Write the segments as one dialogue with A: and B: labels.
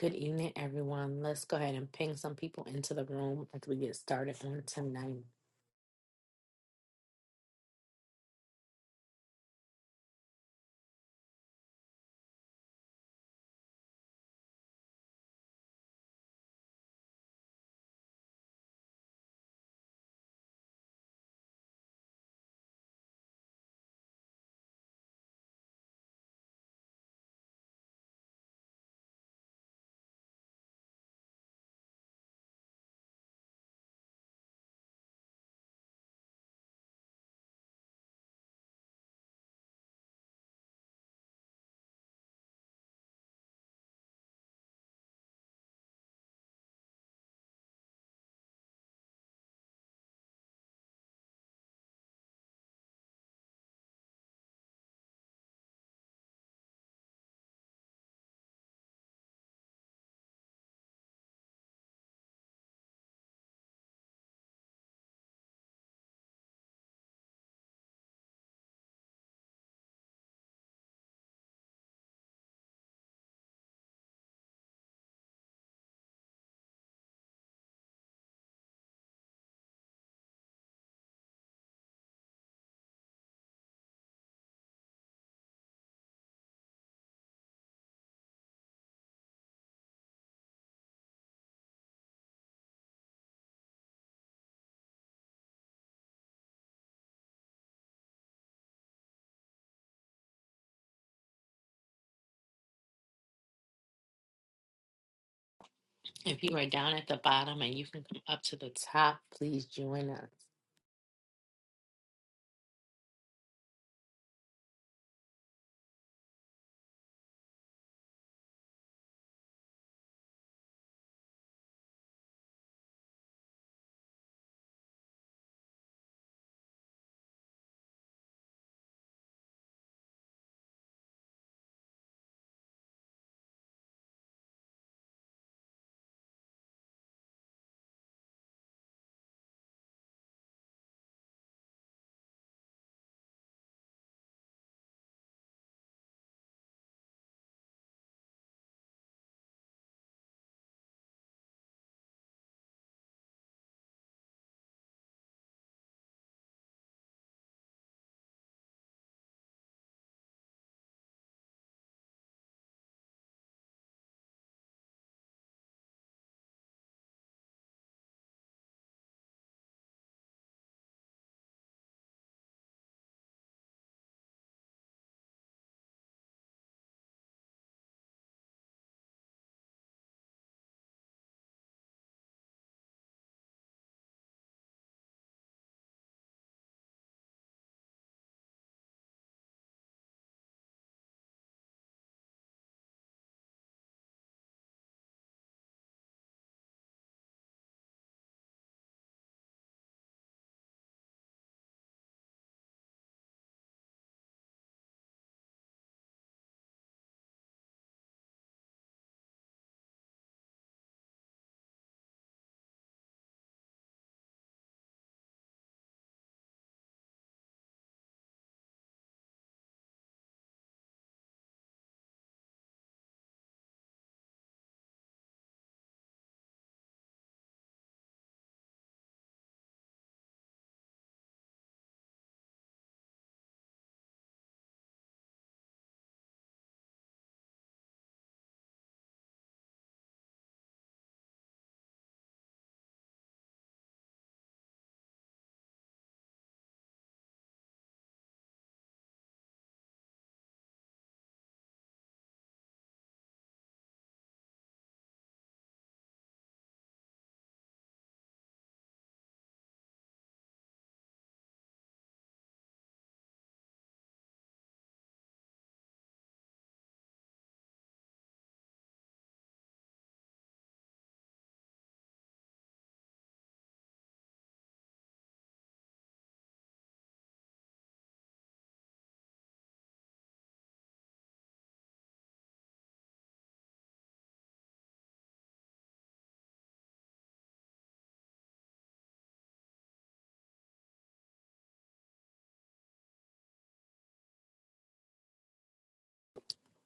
A: Good evening, everyone. Let's go ahead and ping some people into the room as we get started on tonight. If you are down at the bottom and you can come up to the top, please join us.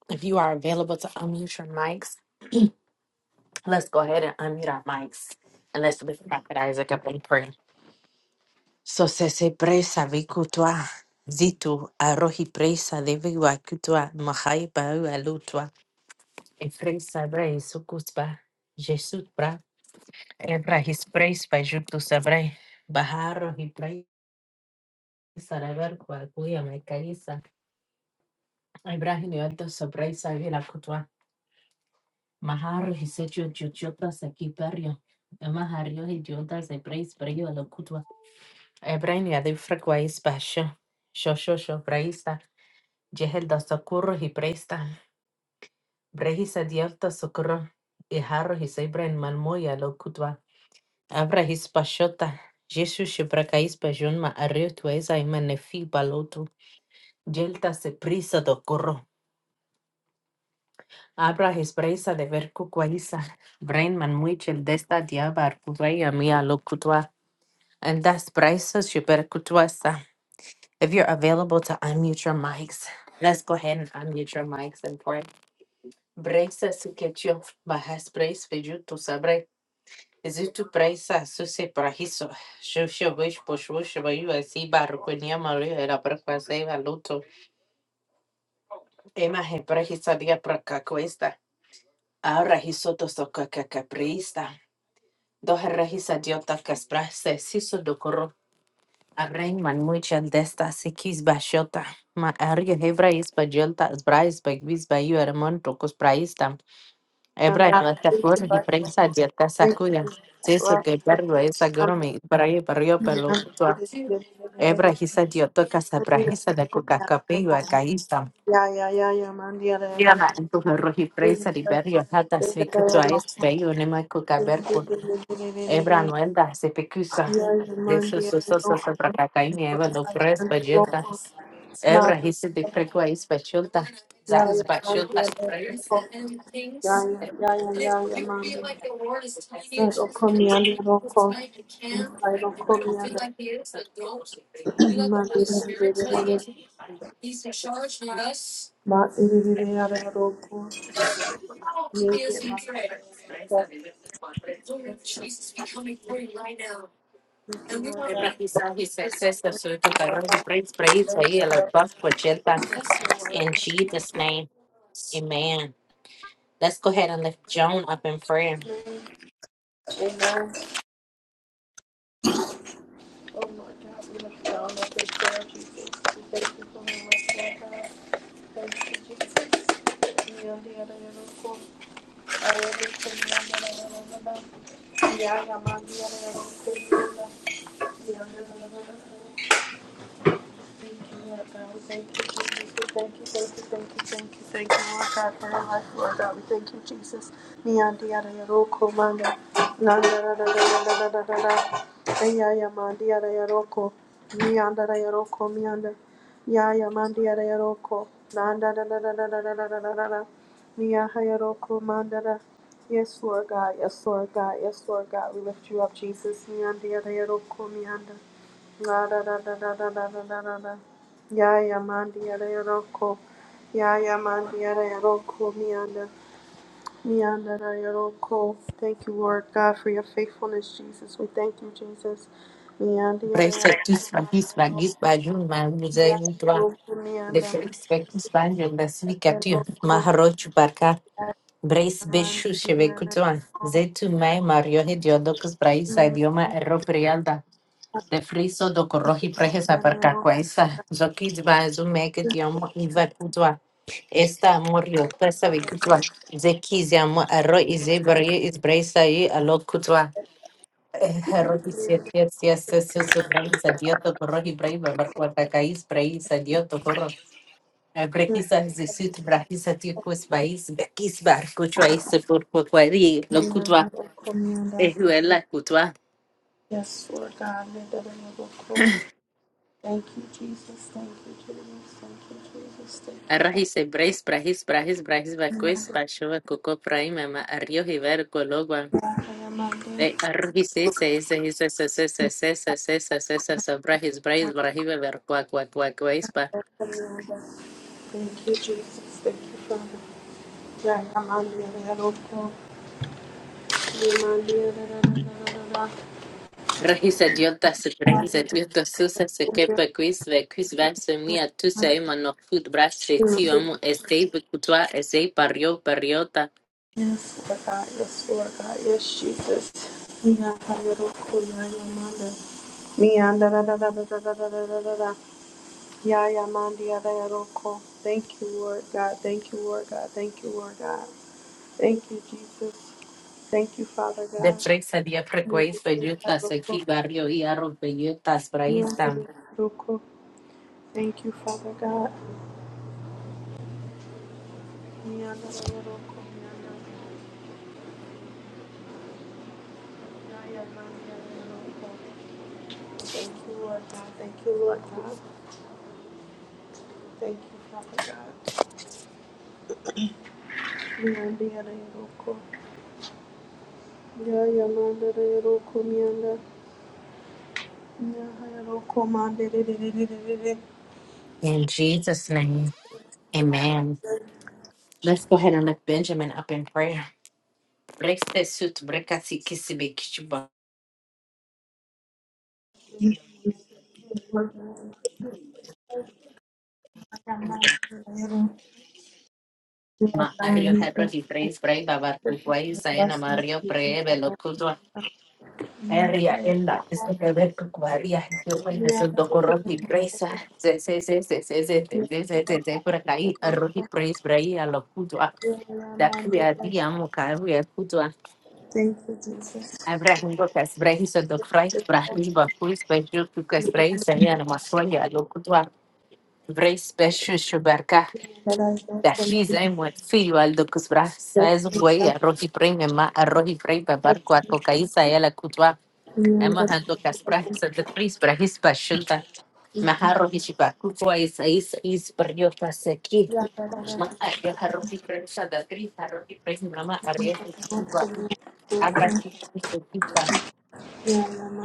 A: If you are available to unmute your mics, let's go ahead and unmute our mics and let's lift Prophet Isaac up in prayer. So se se presa vikutwa zitu arohi presa devi wakutwa mahai bau alutwa. Efrei sabrei sukusba, Ebra his praise by Juptu Sabrai. Baharo his praise Sarabar Kwakuya Maikarisa. Ibrahim Yoto Sabrai Savila Kutwa. Maharo his echo Juchuta Sakiperio. Mahario his Junta Sabrai Sprayo Lokutwa. Ibrahim Yadi Frequais Basho. Shosho Shobraista. Jehel da Socorro his praista. Brehisa Dialta Socorro. Iharo his Ibrahim Malmoya Lokutwa. Avra hispashota, Jesu shibraka hispajunma areu tueza imanefi balotu, jelta se prisa do corro. Abra hispresa de verku quaisa, brain man muichel desta diaba arcuvaya mia locutua, and that's prisa shibercutuasa. If you're available to unmute your mics, let's go ahead and unmute your mics and pray. Braisa suketio, bahas praise fejutu sabre. Zitu praisa suse prahiso. Shusha wish pushusha bayu así barrucunia mario era prakwaseva luto. Ema he prahisaria prakakwesta. Ahora hisoto sokakaprista. Dos rehisadiota casprase siso docoro. Arreinman muchas de estas sikis bashota. Ma ario hebra is bajolta brais bagvis bayu hermon tocos praista. Hebra
B: Yanda
A: no te
B: tiki
A: acuerdas y
B: basta
A: prensa dieta
B: tiki
A: sacuda. Siso que
B: rasu
A: perro es
B: yanda
A: agoromi. para barrio
B: yanda
A: pelo.
B: dili dili dili
A: Ebrahisa dioto casa
B: dili dili
A: brahisa de coca capello a caísta.
B: yeah, yeah, ya ya man ya ya ro
A: Llama en tu roji
B: dili
A: presa
B: dili
A: liberio hata
B: ya ya
A: svicuto a
B: ro
A: espeyo nema coca
B: dili dili
A: bercul.
B: dili dili
A: Ebra
B: dili
A: nuenda se pecusa.
B: ya ya
A: De
B: man
A: su
B: ya
A: su
B: ya
A: su
B: ro
A: su su bracacaini eva do prespa
B: ro
A: yelta.
B: man
A: Evra hisi the pregua is bachulta.
B: Yeah,
A: Zahis
B: yeah, man
A: bachulta.
B: yeah, ya ro ya ya ya ya ya ya man ro ko mi ya ro ko mi ya ro ko Amen.
A: Ebra Hisa, he says, says the Sutu Kagro, he brings praise for you, like Buff Cocheta. In Jesus' name, amen. Let's go ahead and lift Joan up in prayer.
B: Oh Lord God, we lift down the good prayer, Jesus. We thank you for the rest, Lord God. Thank you, Jesus. Neon the other cool. I love you, Yeah, yeah, man, the other cool. Thank you, Lord God. We thank you, Jesus. We thank you, thank you, thank you, thank you, thank you, Lord God, for your life, Lord God. We thank you, Jesus. Niyandi yada yaro ko manda. Nanda da da da da da da da da. Aya ya mandi yada yaro ko. Niyanda da yaro ko miyanda. Ya ya mandi yada yaro ko. Nanda da da da da da da da da da da da. Niya ha yaro ko manda da. Yes, Lord God. Yes, Lord God. Yes, Lord God. We lift you up, Jesus. Niyandi yada yaro ko miyanda. La da da da da da da da da da da. Ya ya mandi ya da yoroko. Ya ya mandi ya da yoroko. Mianda. Mianda da yoroko. Thank you, Lord God, for your faithfulness, Jesus. We thank you, Jesus. Mianda ya da
A: Praise the
B: yoroko.
A: Tus Fagis, Fagis, Bajun,
B: Ya
A: Manuze, Udra,
B: yoroko
A: the
B: mianda.
A: Felix Becus Banjo, the
B: Ya
A: Snikatu,
B: yoroko.
A: Maharoch Barca, Brace Beshu,
B: Mianda
A: Shevekutuan, Zetu Mai, Mario Hediodocus, Braisa,
B: ya
A: Idioma, Erro Prialda. de friso do korohi prejesa
B: da
A: per
B: yoroko.
A: kakwaisa. Zokizba zumeke tiamo iva kutwa. Esta morio presa
B: Father
A: vikutwa.
B: God,
A: Zekizia mo aro izebri izbraisa i alo kutwa. Hero isesiesiesiesiu braisa dioto korohi braiva barkwata kais braisa dioto koro. Brehisa zisit brahisa tikus bais bekis bar kutwa isepur kwakwari lo kutwa.
B: mianda yoroko mianda.
A: Ehuela kutwa.
B: Yes, Lord God, mianda da yoroko. Thank you, Jesus. Thank you, Jesus. Thank you, Jesus. Thank you, Father.
A: Arrajis, Brais, Brajis, Brajis, Brajis, Bacuis, Bachoa, Coco, Praimama, Arrio, Rivero, Cologua,
B: I am under
A: de Arrajis, Seis, Seis, Seis, Seis, Seis, Seis, Seis, Seis, Seis, Seis, Brajis, Brais, Brajive, Vercua, Cua, Cua, Cuespa,
B: Thank you, Jesus. Thank you, Father. Yeah, I'm under your blood. I'm under your
A: Arrajis, Adiotas,
B: Yes,
A: Brajis, Adiotas, Susa, Sequepa, Quis, Vequis, Vance, Mia, Tusa, Ema, No, Food, Bras, Setio, Estei, Becutua, Estei, Parrio, Parriota,
B: Lord God. Yes, Lord God. Yes, Jesus. Me under your blood. I am under. Me under da da da da da da da da da da Yeah, I am under your blood. Thank you, Lord God. Thank you, Lord God. Thank you, Lord God. Thank you, Jesus. Thank you, Father
A: de
B: God.
A: Frexa, Dia,
B: Thank you,
A: Frequês, Pejutas,
B: Father God.
A: Aqui, Barrio, Iarro, Pejutas, Braísta,
B: Thank you, Lord God. Thank you, Lord God. Thank you, Father God. Yeah, yeah, man, da, da, da, da, come, yeah, da. Yeah, yeah, da, come,
A: in Jesus' name. Amen. Let's go ahead and lift Benjamin up in prayer. Brexte sut brekasi kisibikichuba. Ma ario hebra di praise brai babar
B: Thank you for
A: kukwai
B: the
A: sayana
B: blessings
A: mario
B: you can
A: pre velo
B: come up
A: kudwa.
B: with. Amen.
A: Area
B: Thank
A: ella is the
B: you,
A: beber kukwaria. Yo hoy es dokoro di praise. Se se se se se se se se se se se por acá y praise brai a lo kudwa. Da kria di amo kavia kudwa.
B: Jesus.
A: Abrahim Bokas Brahis of the Christ Brahim Bakus Baju Kukas Brahis and Yanamasualia Lokudwa Vrei special shubarka.
B: That I don't
A: Da
B: come to
A: hiza e mwen fiyo al do kusbra. Sa e
B: death.
A: zuk wei arroz y prey mema arroz y prey babar kwa koka isa e la kutwa. Ema hando kaspra sa de tris pra his pa shulta. Ma harro hi shiba kukwa isa isa is per yo pa seki. Ma arroz harro y prey sa de tris harro y prey mema arroz y kutwa. Abra cutua e chiba.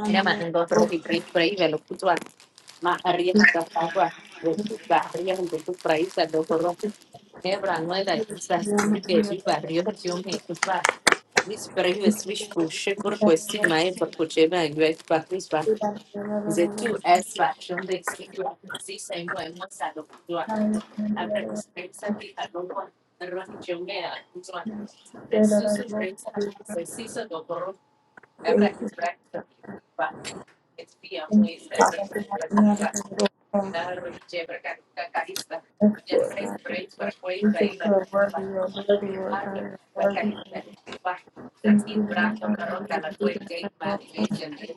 A: Ella and go through his great praise and look to Ma arriba está agua. Resulta arriba un poco praise and go through. Ebra no era quizás libre de barrio de John Hector. This brave switch push por question mai por Cochema and US Patrice Bank.
B: Thank
A: The two S faction they speak the same way most are the one. After
B: you.
A: his friends are the other one, the Ronnie Jomea and one. The
B: Thank
A: Susu
B: you,
A: brings up the Cisa Goboro, Abra his espiam
B: thank you,
A: pues
B: Father
A: para dar llevar carista ya frente frente para cuál para ir para para para carista para así brando para roca la fuerte y más de gente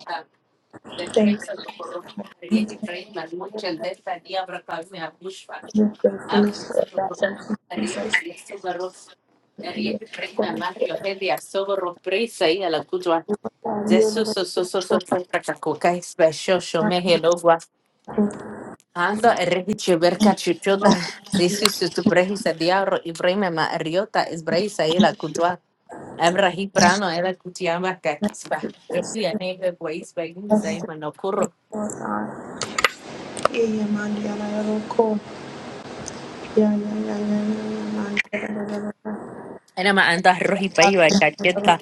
A: de frente a tu corro riegi frente más mucho el de esta día para calme a bushfa abre se tu corro riegi de sobarros riegi frente más más rio gente a sobarros presa y a la cutua Jesus, so so so so so so so so so Ando rehiche verka chuchoda zisu tu brehisa diabro y breme ma riota es brehisa y la cutua abra hiprano era cutiama kakispa yo fui a neve guaispa y guisa y manocurro era ma anda roji paiva caqueta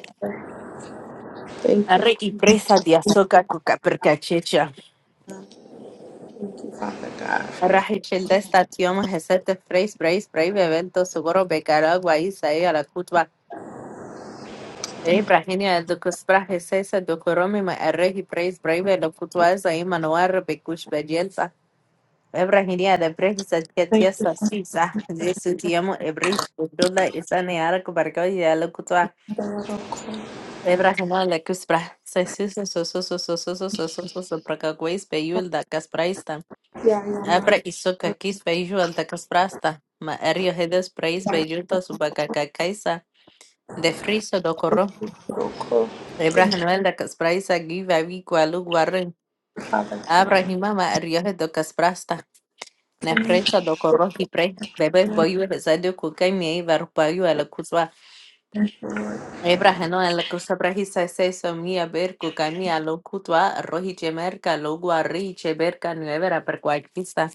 A: arre y presa de azoka cuca perca checha
B: God, for your
A: arraje chelda esta tioma jesete freis breis breve evento sugoro becara guaisa y a la cutua Ibrahini adukasprahi sesa dokoromi ma arrehi praise brave lo kutwaza imanuar bekush bajelsa. Ibrahini adabrehi satkatia sasisa. Jesu tiamo ebris budula isane arak bargo ya lo kutwa. Ibrahini le kuspra. Sasisa sososo sososo sososo soprakakwais peyul da kaspraista.
B: yeah, yeah, man.
A: Abra isoka kis peyul al da kasprasta. Ma erio hedes praise bejulta subakakakaisa. De friso do
B: Cool.
A: Ibrahim da casprais agui vavi qualu guarren.
B: Father,
A: Abrahima ma arioje do casprasta. Nefresa do corroji pre. Bebes boyu resadio cucai mi varpayu a la cutua.
B: thank you, Lord.
A: Ibrahim a la cosa brajisa seso mi a ver cucami a lo cutua. Roji chemerca lo guarri cheberca nuevera per cuaquista.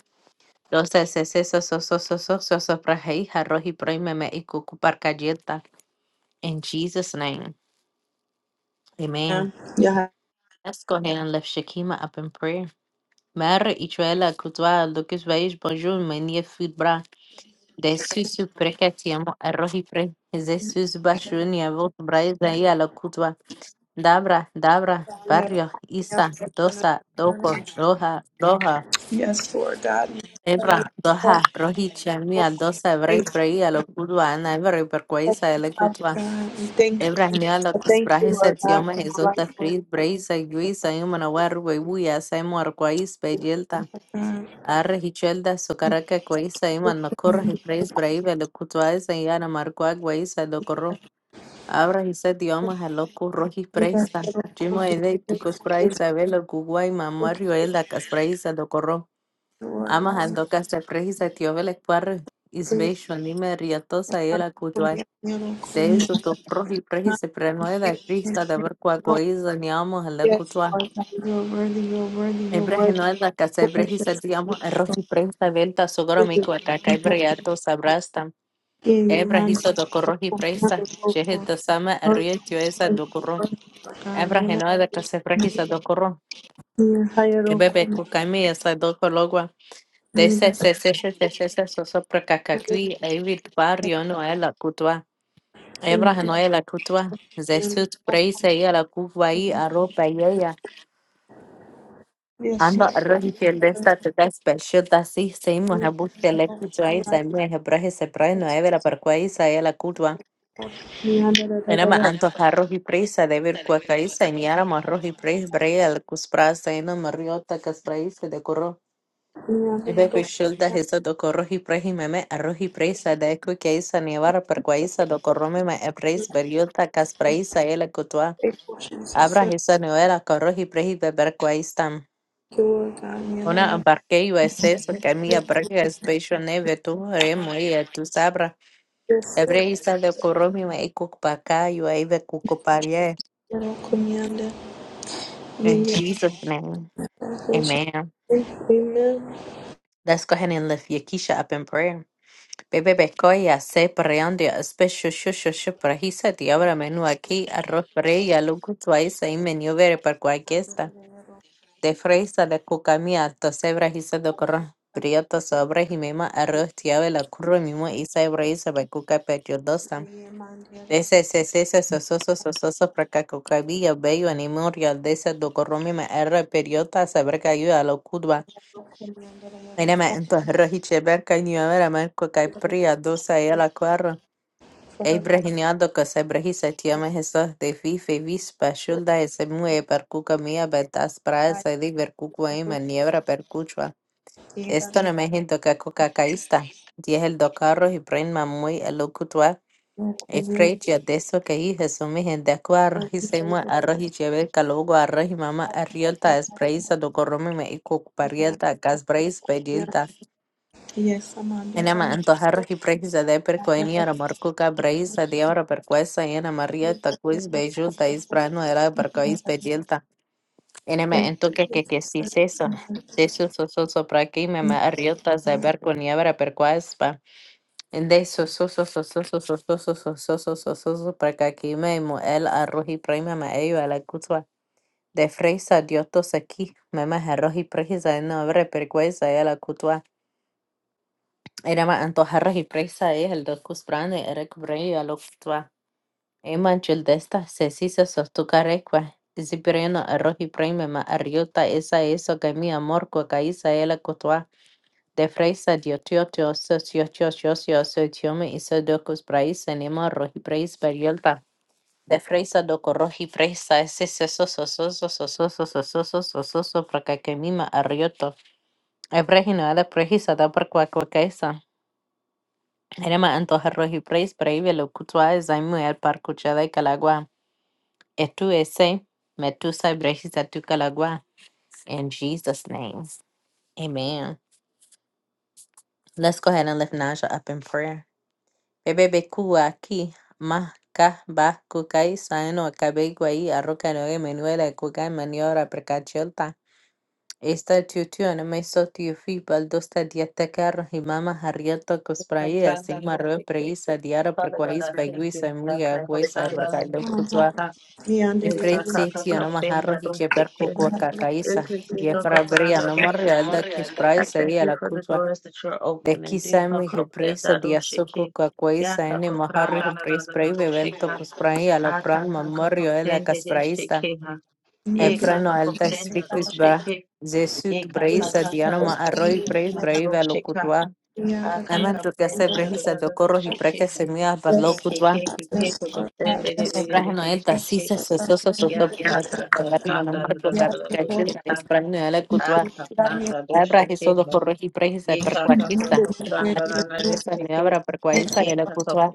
A: Los sesos sosos sosos sosos prajeija roji proimeme y cucu parcayeta. In Jesus' name. Amen.
B: Yeah.
A: Let's go ahead and lift Shakima up in prayer. Merë i quela kutwa lukis vaish bonjour menie food bra. De susu prekatiamo arrohi pre. Ze susu bashuni avot braiza ya la kutwa. Dabra, dabra,
B: Yeah,
A: barrio,
B: yeah,
A: isa, dosa,
B: yeah.
A: doko, roja, roja.
B: Yes, Lord God. We thank you
A: Ebra,
B: for
A: doha, rohi
B: your
A: chamia,
B: grace.
A: dosa, ebrei prei a lo kutwa, ana ebrei per
B: Thank
A: kwaisa
B: you,
A: ele
B: Father
A: kutwa.
B: God. We thank you.
A: Ebra nia la
B: I Thank
A: kusprahi
B: you,
A: sa
B: Lord God,
A: tioma
B: for my
A: hezonta
B: life, Lord
A: fris, breisa, yuisa, yumana waru, webuya, saimo arkwais, bejelta.
B: God.
A: Arre hichelda socaraka cueiza iman macorra y preis braive lo cutuaiza y ana marcua gueiza lo corro. Abra y set diomas a lo curroji
B: We are
A: preista.
B: so grateful
A: Chimo
B: to
A: ede ticos
B: for this.
A: praisa velo cuguay
B: Thank you,
A: mamario elda caspraisa lo corro.
B: Lord
A: Amas
B: God.
A: al docas de preisa tiovele cuarre.
B: Please,
A: Isbeisho nime riatosa y
B: Father,
A: la
B: for
A: cutuay.
B: your miracle,
A: De eso
B: miracle.
A: to proji preisa prenoeda crista de ver cuacoiza ni amos a
B: Yes,
A: lo
B: Lord God. You are worthy, you are worthy, you are worthy.
A: Ibrahimanda
B: Yes,
A: Casabrehisa
B: yes,
A: Diamo Rohi Presa Venta Sogoromiko
B: yes.
A: Takaibriato Sabrastam
B: In your mind,
A: Ebrahisa Dokorohi
B: wonderful,
A: Presa Shehid
B: wonderful,
A: Dasama Rio Tioesa Dokoron
B: God. You're
A: Ebrahinoda
B: not-
A: Casabrehisa Dokoron
B: you
A: Ebebe Kukami Esa Dokologua
B: Thank
A: Dese Seseshe se Sosopra Kakakui Evid Barrio Noela Kutua
B: you.
A: Ebrahinoela Kutua Zesut
B: Jesus.
A: Preisa Yela Kukwai Aropa yeya.
B: Yes,
A: Ando
B: Lord.
A: röntgenlista special si seimu habuke le kutwa isa mwe hebrahe se prae no evera parquaisa kwa isa ela kutwa. Enama anto rohi presa de ver kwa kaisa ni ara ma rohi pres brea el kusprasa eno mariota kaspraisa de corro. Ebe peshilda hesa do corrohi prehi meme a rohi presa de kwa kaisa ni avara par kwa isa do corro meme e pres beriota kaspraisa ela kutwa.
B: Faithful Jesus,
A: Abra
B: thank
A: hesa no era corrohi prehi beber
B: you, Lord God.
A: Una barquei vai ser caminha branca espejo neve tu remo e tu sabra
B: Yes, Lord.
A: ebrei sa de koromi wa ikuk baka you ai ve kukoparie
B: Yeah,
A: in
B: yeah.
A: Jesus name amen
B: Amen.
A: Let's go ahead and lift Yakisha up in prayer. Bebe bekoya se preonde espesho shusho shupra hisa diabra menu aquí arroz preya lugu tuaisa y menio vere per cualquiera. de fresa de cucamia to sebra hisa de corra prieto sobre jimema arroz tiave la curro mimo y sebra hisa de cuca dosa de se se se se sososo sososo praca cucabilla bello animoria de se do corro mima erra periota sebra cayu a lo cudba enema entonces rojiche berca y niavera merco cai pria dosa y a la cuarra
B: For her life,
A: Ebrehiniado que se brehisa tiame Jesús de fife vispa shulda ese mue percuca mía betas
B: God.
A: praesa di vercucua ima niebra percuchua. Esto no me hinto que coca caísta. Diez el do carros y prema muy el locutua. E freya de eso que hi Jesús mi gente acua arroz y se mue arroz y cheve calogo arroz y mama arriolta es preisa do corrome me y cuc parieta cas preis
B: Yes,
A: Enema
B: Amanda.
A: antojar y prejuzgar de
B: Ya
A: percoñía ramarculca braysadiora percoesa ena maria takuis beigeul taiz brano ella percois pedielta enema antoqueque que si seso seso sososo para que y mamarriota se percoñía vara percoesa pa deso sososo sososo sososo sososo sososo para que y mamuel arrojipray mamayo ella cutua de braysadiota se aquí mamarrojipray zaina vara percoesa ella cutua era más antojarras y presa es el dos cusprane, era cubrey a lo que tua. Ema childesta, se si se sostucarecua. Si pereno arroz y prime ma arriota esa eso que mi amor cuaca isa ela cutua. De freisa diotioto, sociocho, socio, sociome y se dos cuspraíz, enema arroz y preis periolta. De freisa do corroz y presa, ese seso, soso, soso, soso, soso, soso, soso, para que mi ma arrioto. Ebrejino, la prejisa da por cuaca Erema antojarros y preis preivelo kutwa e zaimu el par kuchada y calagua. Etu ese metusa brejisa tu calagua. In Jesus' name. Amen. Let's go ahead and lift Naja up in prayer. Bebebe kuwa ki ma ka ba kukai saino kabegwai arroca no emanuela kukai maniora precachel Estatuto meso tiufi baldosta diataca rahimama harrieta cospraia
C: Kapanda
A: sigmarro
C: Rupika,
A: preisa diara
C: Father God,
A: perquais
C: I thank
A: baiguisa
C: you. Kaka
A: amiga huesa
C: Kapanda
A: vergalo cutua
C: Rupika, Eka
A: efretsi
C: Kaka
A: tionoma jarro
C: Kapenda
A: hicheper
C: Rupika,
A: cuco cacaisa
C: Eka Kika
A: diafra brea
C: Kapanda
A: no morreal
B: nomor
A: da
C: Rupika.
B: ya
C: I
A: cuspraisa y
C: thank
A: a
C: you
A: la
C: for the
A: cutua
C: doors that you're
A: de
C: opening.
A: quizá
C: Dika
A: mi jepresa
C: Kapenda
A: diazoco
C: Rupika,
A: cacuaisa
C: Yaka
A: ene maharri
C: Kapanda
A: jepres prei bebelto
C: Rupika,
A: cuspraia la
C: Aka
A: pran
C: Kaka
A: mamorio de la
C: Kapenda
A: caspraista
C: Rupika, Eka
A: Eprano
C: Kaka
A: alda
C: Kapenda
A: spikus bra.
C: Rupika,
A: Jesut
C: Eka
A: braisa
C: Kaka
A: dianoma
C: Kapanda
A: arroy brais braiva
C: Rupika,
A: locutva.
C: Aka
A: Aman tu casa
C: Kapenda
A: brejisa do corros y praca
C: Rupika.
A: semilla para locutva.
C: Ekaka kapranda
A: Ebraheno
C: do
A: elda
C: shekera,
A: sisa sososo soto
C: ya ka
A: para
C: ka ka
A: barrio no marco capica childa es prano ala cutva. Abrahiso do corros y brejisa percuatista. Ma esa me abra percuaisa ala cutva.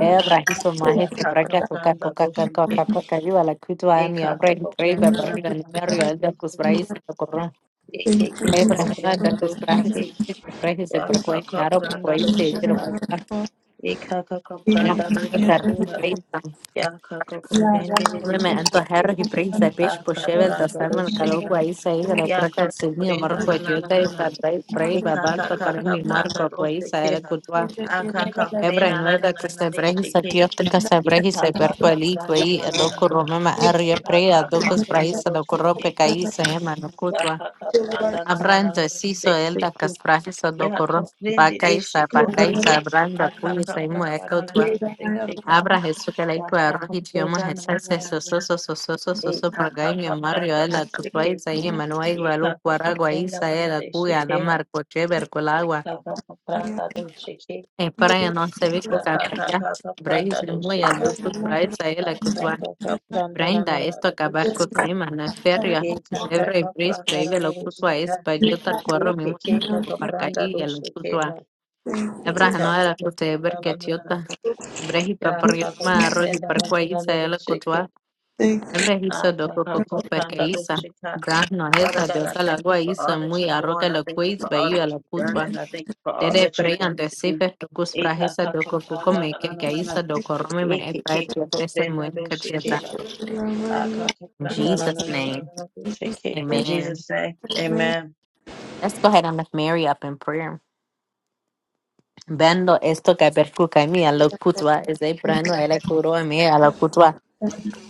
A: Ebrahiso maje que praca coca coca coca coca coca iba la cutva ni abra y braiva barrio ni barrio elda cus braisa Abraham da kus prahe se se prahe se prakoi nyaro prakoi se pero kupa ela tar hi prain tam
C: kaprende de de
A: me me
C: de
A: anto
C: shekera.
A: herro hi prain sa pech po
C: Aka
A: shevel da
C: pranda
A: sarman kalo ko
C: doshika.
A: ai sa ega la
C: Yaka
A: praka se ni mar
C: kaprenda
A: ko
C: na na
A: jol
C: na
A: da
C: na na.
A: sa dai brai
C: Ika
A: baba
C: ka
A: ta
C: ka
A: kar
C: ka
A: mi mar ko
C: pranda
A: ko ai sa ela
C: doshikiha.
A: kutwa
C: Aka ka
A: ebra
C: prenda
A: no
C: na na
A: da ko
C: na na
A: se brai sa
C: deshiki.
A: tio tel da brai se
C: Yaka
A: per
C: ka ka
A: ali ko
C: pranda
A: ai
C: na na
A: lo
C: na na na.
A: ma arya pre a
C: Aka
A: do
C: ka
A: brai
C: pranda
A: sa do ko ro pe
C: doshikiha.
A: kai e no
C: Yaka ka pranda na na na na
A: Abranda
C: na
A: siso elda
C: deshiki.
A: kasprahi
C: Yaka
A: sadokoro
C: prendi
A: bakai sa
C: deshikoha.
A: bakai sa abranda
C: Aka
A: kuli
C: ka
A: saimu
C: pranda na na
A: ekotwa
C: na na deshika.
A: abra Jesús que la
C: Yaka
A: ikwa
C: ka
A: rohi tioma
C: prenda na
A: jesa
C: na na
A: se
C: na na.
A: soso soso soso soso
C: Ika ka
A: pagai mi
C: ka
A: mario
C: pranda
A: ela kutwa
C: doshiki.
A: isa Manuel
C: Shake
A: manuai gualu guaragua isa ela cuya la marco cheber colagua en para no se vi coca marca braise muy al dufu praisa ela cutua. Brenda, esto acabar com Caima na férrea, Debra e Pris para ir ao culto a esse, que eu para cair e ao culto a Debra não era culto de ver que eu Brehi para por eu não me arroz y para com isso ela culto a
B: Thank
A: Debra isso do coco coco para que isso Brah não é
C: Father
A: essa de
C: God, I
A: outra
C: thank you
A: lagoa
C: for all
A: isso
C: that you're
A: muy arroca
C: doing. I
A: la
C: thank you
A: coisa
C: for
A: para
C: all
A: ir
C: that
A: ao
C: you've done,
A: culto a
C: and I thank you for all
A: Tere
C: that you're
A: preyan
C: going
A: de
C: to do.
A: sefer tukus prahesa doko que que
C: Ekakakakrandanananana,
A: isa doko rome me e praet yatesa muen kacheta.
C: ekekekokopendabeshekeha,
A: In Jesus' name.
C: akakakrandanananananabesheke. In
A: Amen.
C: Jesus' name, amen.
A: Let's go ahead and lift Mary up in prayer. Vendo esto que percuca mi a lo cutua, es de prano a la curo a mi a la cutua.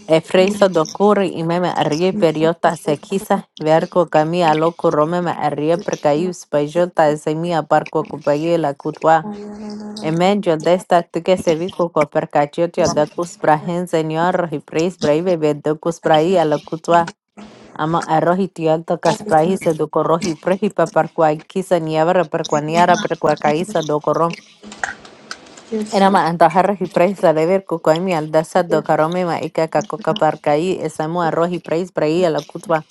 A: E freso do curri y meme arrie periota se quisa verco cami a lo curro meme arrie percaius pajota es mi a parco cupaye la cutua. En medio de esta tu que se vico co percachotio de cus brahen señor y preis brave de cus brai a la cutua. Ama arroz y tialta kaspraisa do corroji preji paparquai kisa nievra perquaniara perquacaisa do corrom. Enama antajarra y preisa lever cucoimi aldasa do caromema ica cacoca parcaí esamu arroz y preis preí a la cutba.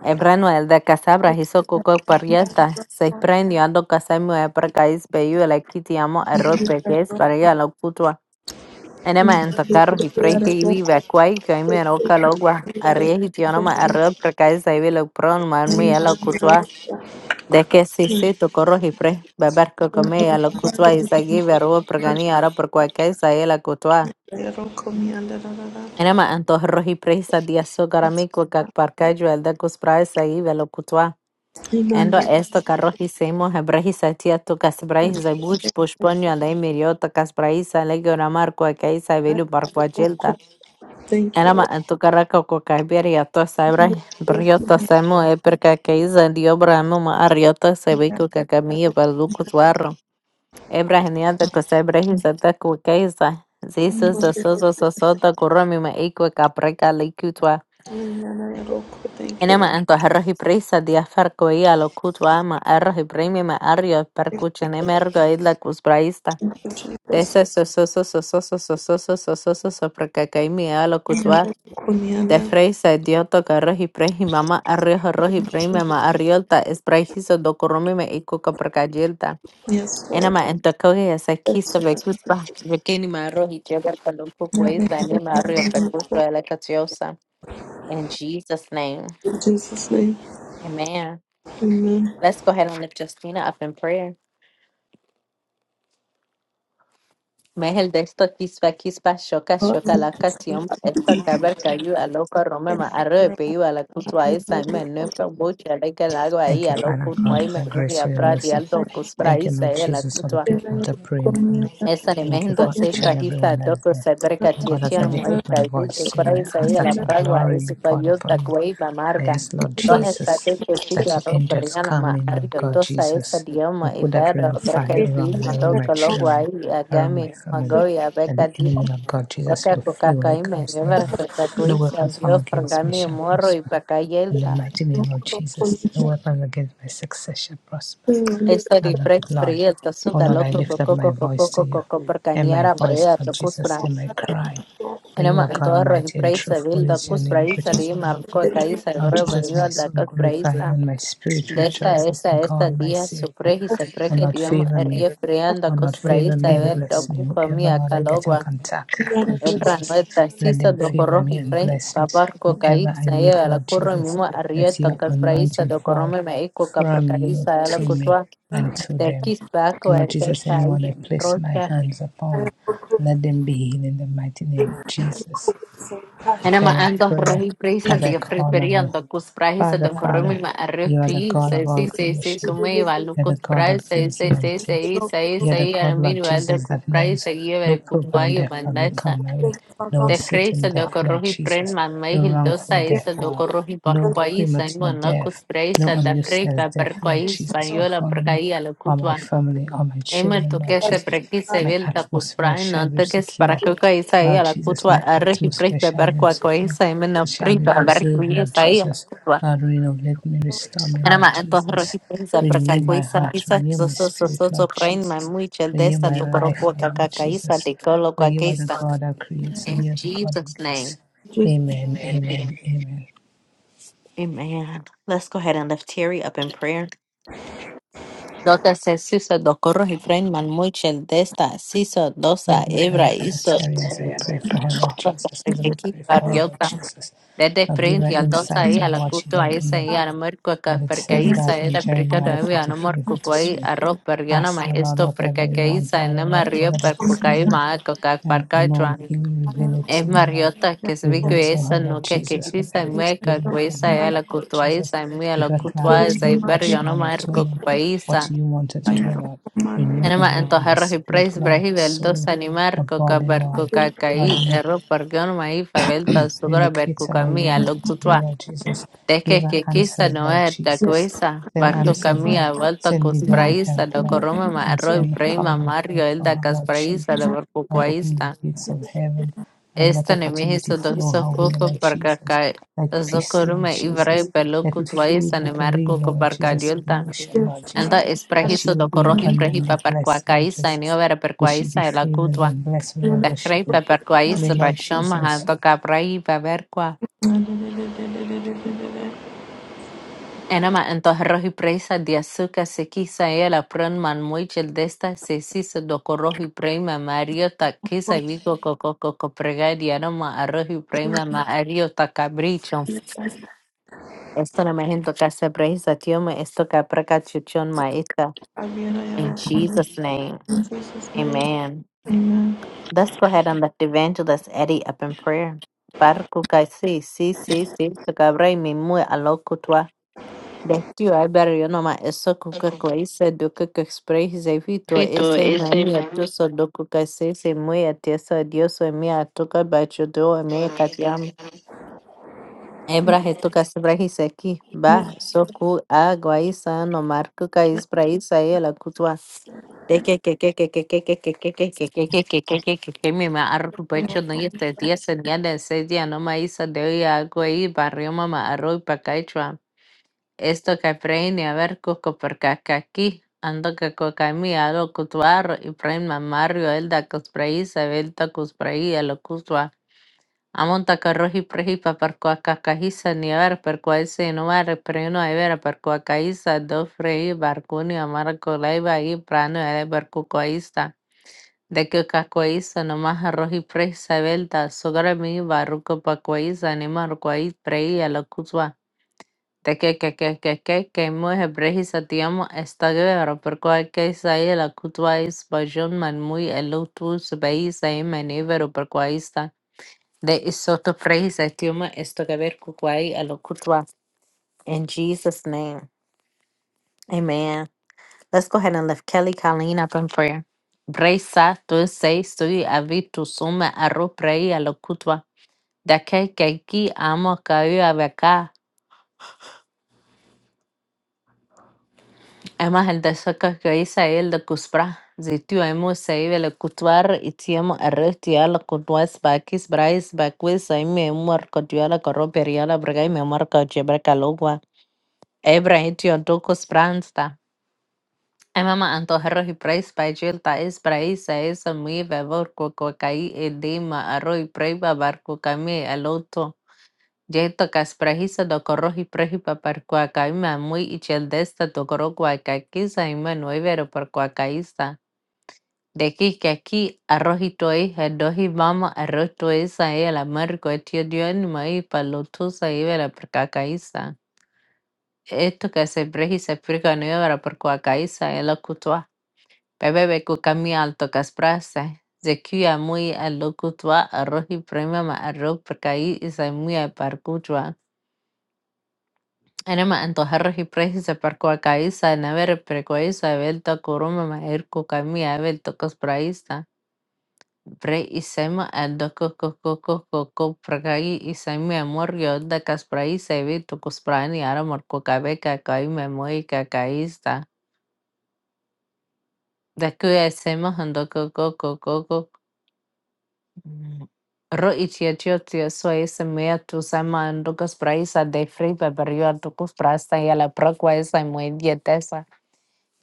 A: Ebrano el de casabra hizo coco parieta. Se prendió ando casamo e percaís peyu el equitiamo arroz peques para a la cutba. انا ما انت carros y precios y vive quay que me roca logua arriesgo no me arreo porque es ahí lo pron mal mía lo cutua de que si sí tu corros y pre beber que comía lo cutua y seguí verbo porque ni ahora por cualquier es ahí la cutua انا ما انت arroz y presa día su caramico que parque yo el de cuspra es ahí ve lo cutua Endo esto carros hicimos hebrejisa tía tu casbraisa bush push ponio de miriota casbraisa le gora marco que es ahí velo par cualquier
B: you.
A: Enama antukara kaukokaiberia tosabra briota samu eperka keiza diobra amu ma arriota sebiku kakamia baluku suarro. Ebra genianta kosebra hinsata kukeiza. Zisu
B: Lord.
A: zosozo sosota kurumi ma ikwe kapreka likutwa.
B: Thank you, Lord. Thank
A: Enama anto arrohi prisa diafarko ia lokutwa ama arrohi primi ma arrio perkuchen emergo idla kusbraista.
B: you, Jesus.
A: Tesa sososo sososo sososo sososo sopraka De freisa idioto garro hiprehi mama arriho rohi prima ma arriolta es praihiso dokorumi me iko kaprakajelta.
B: Yes, Lord.
A: Enama entokoge es akisa
B: Yes,
A: vekuspa vekini ma rohi jegar kalumpu kweza anima arrio perkuto elekatiosa. In Jesus' name,
B: Jesus. Jesus' name. Amen.
A: amen. Let's go ahead and lift Justina up in prayer. Mehel de esto kispa kispa shoka shoka la katium esto kaber kayu aloko rome ma arre peiu ala kutwa isa me nefa bocha leke largo ahí
D: Thank you,
A: aloko
D: Father God,
A: nuai
D: for
A: me
D: your
A: muy
D: grace, for your
A: abra di
D: mercy.
A: aldo kusbra
D: Thank you,
A: isa
D: Lord
A: e la
D: Jesus, for the
A: kutwa
D: people that are praying for me. Thank you
A: Estanemento
D: for
A: se
D: each and every one
A: prajista
D: that is
A: doko
D: there.
A: seberka
D: God, as I
A: tietia
D: lift up my
A: muerta y que
D: voice to you,
A: cora
D: I ask
A: isaía la
D: that your
A: pragua
D: glory
A: es
D: be poured
A: payosa
D: upon me.
A: cueva
D: I
A: marga.
D: ask, Lord
A: Toda esta
D: Jesus,
A: teche sigue
D: that
A: a
D: your
A: ropa
D: angels
A: riana
D: come
A: ma
D: in, Lord
A: arrio
D: God
A: tosa esa
D: Jesus,
A: dioma
D: and
A: y
D: put that ring
A: ferro
D: of
A: berka
D: fire
A: y
D: around me, around my
A: maroka logua
D: children,
A: y
D: around my
A: agami
D: family.
A: magoya
D: And
A: berka
D: the
A: di.
D: enemy, Lord God Jesus,
A: Waka
D: will flee when he
A: kukakaime
D: comes near
A: yevar
D: me. No
A: perkakuisa
D: weapons
A: dios
D: formed against me
A: pergami
D: shall
A: morro y
D: prosper. In the
A: pakayelta.
D: mighty name of Jesus, no weapon against my success shall prosper.
A: Esa
D: I love it,
A: riprex
D: Lord.
A: prieta
D: Oh
A: suga
D: Lord, I
A: loco
D: lift up
A: coco
D: my
A: coco
D: voice to
A: coco
D: you.
A: coco
D: Hear my
A: percaniara
D: voice,
A: brea
D: Lord Jesus, hear my cry. For you
A: එනම
D: are God
A: අන්තවර
D: mighty and
A: praise vil
D: truthful is your
A: dacus
D: name,
A: praisa
D: great
A: di
D: is your name.
A: marco caisa
D: Lord
A: ebro
D: Jesus,
A: venido
D: my soul
A: dacus
D: glorifies
A: praisa
D: you and my spirit
A: de esta
D: rejoices
A: esta
D: in
A: esta
D: God, my
A: día su
D: Savior.
A: y se
D: O
A: preje
D: Lord,
A: diom
D: favor
A: rie
D: me.
A: frean
D: Oh Lord,
A: dacus
D: favor
A: praisa
D: me and
A: ver
D: bless me.
A: docu
D: Whoever,
A: comia
D: Lord, I get in
A: calogua
D: contact with, Lord
A: epra
D: Jesus,
A: no
D: let
A: taxisa
D: them
A: do
D: favor
A: corro
D: me
A: y
D: and
A: frei
D: bless me.
A: papar
D: Whoever I
A: cocaísa y
D: meet,
A: a la
D: Lord
A: curro
D: Jesus,
A: mimo arrie
D: let your
A: tocas praisa
D: anointing
A: do
D: fall
A: corrome meico capra
D: from you
A: caísa a la
D: to me
A: cutua
D: and to
A: de
D: them.
A: quis baco e
D: Lord
A: pe
D: Jesus, anyone I
A: caisa
D: place my
A: rocha
D: hands upon, let them be healed in the mighty name of Jesus. Prepare
A: enamado
D: my
A: anto
D: prayer
A: frío presa
D: as I
A: de frío
D: call on you.
A: perianto cuspresa
D: Father,
A: de corrompido
D: Father,
A: me
D: you are the
A: arrepí
D: God of
A: saí
D: all
A: saí saí
D: creation.
A: sumé valú
D: You're the God
A: cuspresa
D: that
A: saí
D: gives in
A: saí
D: and
A: saí
D: takes.
A: saí saí
D: You're the
A: saí
D: God,
A: aramir
D: Lord
A: valdrá
D: Jesus, that knows
A: cuspresa y
D: no
A: el cuervo ha
D: program death,
A: llegado
D: Lord, will come
A: hasta
D: my way. No
A: te
D: uncertain
A: presa de
D: death, Lord
A: corrompido pren
D: Jesus.
A: mamá
D: No
A: y
D: wrongful
A: hildosa
D: death,
A: esa de
D: Lord.
A: corrompido
D: No
A: parcoísa y
D: premature
A: monaco
D: death. No
A: cuspresa de creer
D: unuseless
A: va
D: death, Lord
A: parcoíz
D: Jesus, will
A: español a
D: follow me
A: parcoí al
D: or
A: cuervo
D: my family or my
A: Ema
D: children, Lord
A: toke se
D: Jesus.
A: preki se
D: My
A: vil da kus
D: atmosphere
A: prae
D: shall
A: non
D: be
A: toke se para
D: secure.
A: que ka isa i
D: Lord
A: ala
D: Jesus,
A: kutwa
D: my
A: arre hi prei
D: atmosphere shall
A: beber
D: be
A: kwa ko
D: secure.
A: isa i mena
D: It shall
A: prei
D: be
A: beber
D: preserved,
A: kui
D: Lord
A: isa i ala
D: Jesus.
A: kutwa.
D: Lord, renovate me, restore me,
A: Ana
D: Lord
A: ma ento hro
D: Jesus.
A: hi prei sa preka
D: Renew
A: ko
D: my
A: isa
D: heart,
A: isa
D: renew
A: so
D: my
A: so so
D: spirit,
A: so so
D: Lord
A: prei ma
D: Jesus.
A: mui chel
D: Renew
A: desta
D: my
A: to koro
D: life,
A: kwa ka
D: Lord,
A: ka ka isa
D: Jesus.
A: te kolo
D: For
A: kwa ka
D: you are the
A: isa.
D: God that creates and
A: In
D: you are the God
A: Jesus
D: that gives.
A: name.
D: Amen, amen, amen.
A: Amen. Let's go ahead and lift Terry up in prayer. Dota se sisa do corro y pren man muy chel desta siso
D: For
A: dosa
D: Heavenly
A: ebra
D: Father, cover
A: iso
D: Terry as I pray for her, Lord Jesus, as we pray for her, Lord Jesus.
A: Desde
D: I'll give her
A: Springfield, då
D: insights
A: säger
D: of
A: alla
D: what she
A: kutu ahí
D: doesn't know.
A: seguían mörko
D: But it
A: porque
D: says
A: ahí
D: that
A: se
D: in
A: era porque
D: Jeremiah
A: todavía no
D: 53,
A: mörko ahí
D: 53.
A: arroz porque no
D: Ask
A: más
D: the Lord
A: esto
D: whatever
A: porque
D: you
A: que ahí
D: want,
A: se
D: Lord,
A: no
D: and
A: me río
D: whatever that is
A: porque ahí
D: hidden
A: más coca
D: and unknown
A: Juan
D: He will reveal it to
A: es
D: you, Lord.
A: mariota que se ve
D: Reveal
A: que
D: to
A: esa
D: her, Lord
A: no que que
D: Jesus,
A: quizá
D: whatever is
A: me que
D: hidden from her,
A: esa es
D: Lord
A: la
D: God
A: kutu ahí
D: Jesus.
A: se me
D: Give
A: la
D: her
A: kutu ahí
D: clarity of
A: se
D: what she
A: perdió no
D: wanted
A: más
D: to, Lord,
A: coca ahí
D: what
A: se
D: you wanted to do, Lord. Renew
A: en
D: her
A: más entonces
D: mind, her
A: arroz y
D: spirit,
A: preis
D: Lord, her
A: brahil el dos
D: soul, her
A: animar coca
D: body,
A: perco
D: Lord. Lord,
A: cacaí
D: we.
A: arroz porque no más ahí favelta su coca
D: Relocate
A: perco
D: her where you
A: camilla
D: want
A: lo
D: her to be,
A: kutu
D: Lord Jesus. Give
A: Teke
D: her
A: kekisa
D: answers, Lord
A: noer
D: Jesus.
A: takwesa,
D: Send
A: barco
D: answers,
A: Tekehkikisa noertakuisa, bartukamia,
D: Lord. Send
A: lo
D: divine
A: praisa,
D: help, Lord.
A: lokoroma
D: And
A: maarroi
D: send
A: prima
D: covenant
A: mario,
D: help for her,
A: eldakas
D: Lord
A: barco
D: Jesus. Lord, open
A: lobarkukuaisa.
D: the gates of heaven and let
A: Esta
D: opportunity
A: nemihisu
D: flow
A: doxo
D: her way,
A: kufo
D: Lord Jesus.
A: parkaka
D: Like peace, Lord
A: zokorume ivrei
D: Jesus. Let
A: peluku
D: it flow
A: tuaisa
D: like a river,
A: nemarkuku
D: Lord Jesus, to the
A: parkadiulta.
D: ocean, Lord
A: Anda
D: Jesus.
A: es
D: That she
A: prejiso
D: will
A: do
D: be
A: corroji prejipa
D: abundantly
A: per
D: blessed, Lord
A: cuacaíza, en
D: Jesus.
A: iobera per
D: May she be
A: cuaíza, el
D: favored
A: acutua,
D: and blessed
A: per
D: wherever she goes. May
A: percuaíza, per
D: Lord
A: shoma,
D: Jesus
A: ando capraí, Enama انتهى الرهيب رئيس دياسوكا سكيسا إلى برون منمويج الدستا سيسيس دوكو رهيب بريما ماريو تاكيسا بيكو كوكو كوكو برغادي إنما الرهيب بريما ماريو تاكابريتشو Esto no me siento que hace presa, tío, me esto que apreca chuchón maestra. In Jesus' name, amen. Let's go ahead and lift Evangelist Eddie up in prayer. Barku kai si, si, si, si, so cabra mi mu Bet jo Iber Jonoma Esokukka Klaise Dukukka Spraise Vito
B: Perfecto
A: Esse
B: es
A: Mamia
B: el
A: Tuso Dukukka Sese Muia Tessa Dioso Emia Tuka Bachudu Emia Katiam Ebra Retuka Sebrahise Ki Ba
B: Yes,
A: Soku Aguaisa No Markuka Ispraisa Ela Kutua Teke que que que que que que que que que que que que que que que que me ma arro pecho no y este día se día de ese día no ma isa de hoy agua y barrio mamá arro y pa Esto kay preini haber kukupirkakaki antoka kokami alo y iprain mamario el da elda kusprei sebelta kusprei alo kutua amonta karroji preji paparkua kakajisa ni a ver haber perkua ese nuare preino haber perkua kaisa do frei barcuni amara colaiba y prano haber perkukuaista de que kakuaisa nomás arroji prej sebelta sogra mi barruco pakuaisa ni marcuai prei alo kutua Tekel que hebreji satiamo estagero per quae que la cutuais bajon man muy elutus bei sai menivero per quaista de isoto frehi satiamo estagero cuquai elocutua. In Jesus' name, amen. Let's go ahead and lift Kelly Colleen up in prayer. Bresa tu sei sui avitu suma arro prei elocutua. Da que que amo caiu Además, el sacas que hice ahí, el de Cusbra, si tú hemos sabido el cutuar y tiamo el resto ya lo cutuas baquis, brais, baquis, ahí me muerco yo la corropería la brega y me muerco yo breca logua. Ebra y tío tocos pransta. Ay mamá, antojarro y prais, bajil, tais, brais, a esa muy bebor, cuacuacaí, edema, arroz y prey, barco camé al otro. Jeito kasprahisa dokorohi prehipa parkuakaima muy icheldeesta tokorokuakakisa ima nuevero parkuakaisa. De que aquí arrojito hija dohi mama arroto esa ella la marco etio dionima y palotusa ibera parkuakaisa. Esto que se prehisa explica nuevera parkuakaisa ela kutua. Bebebe kukami alto kasprase. Zekia muy alokutua arroji prema ma arro parkai isa muy a parcutua. أنا ما انتحرش precisa percuacaíza, naver precoíza, belta curuma, maerco camia, belta cospraíza. Pre y sema al doco coco coco copracai y semia morio da caspraíza, evito cosprani, ara morco cabeca, caime moica caísta. Da cuya sema andoco coco coco. Ro y chiachio tio soy semia tu sama andoco spraíza de fri, peperio andoco sprasta y a la procua esa muy dietesa.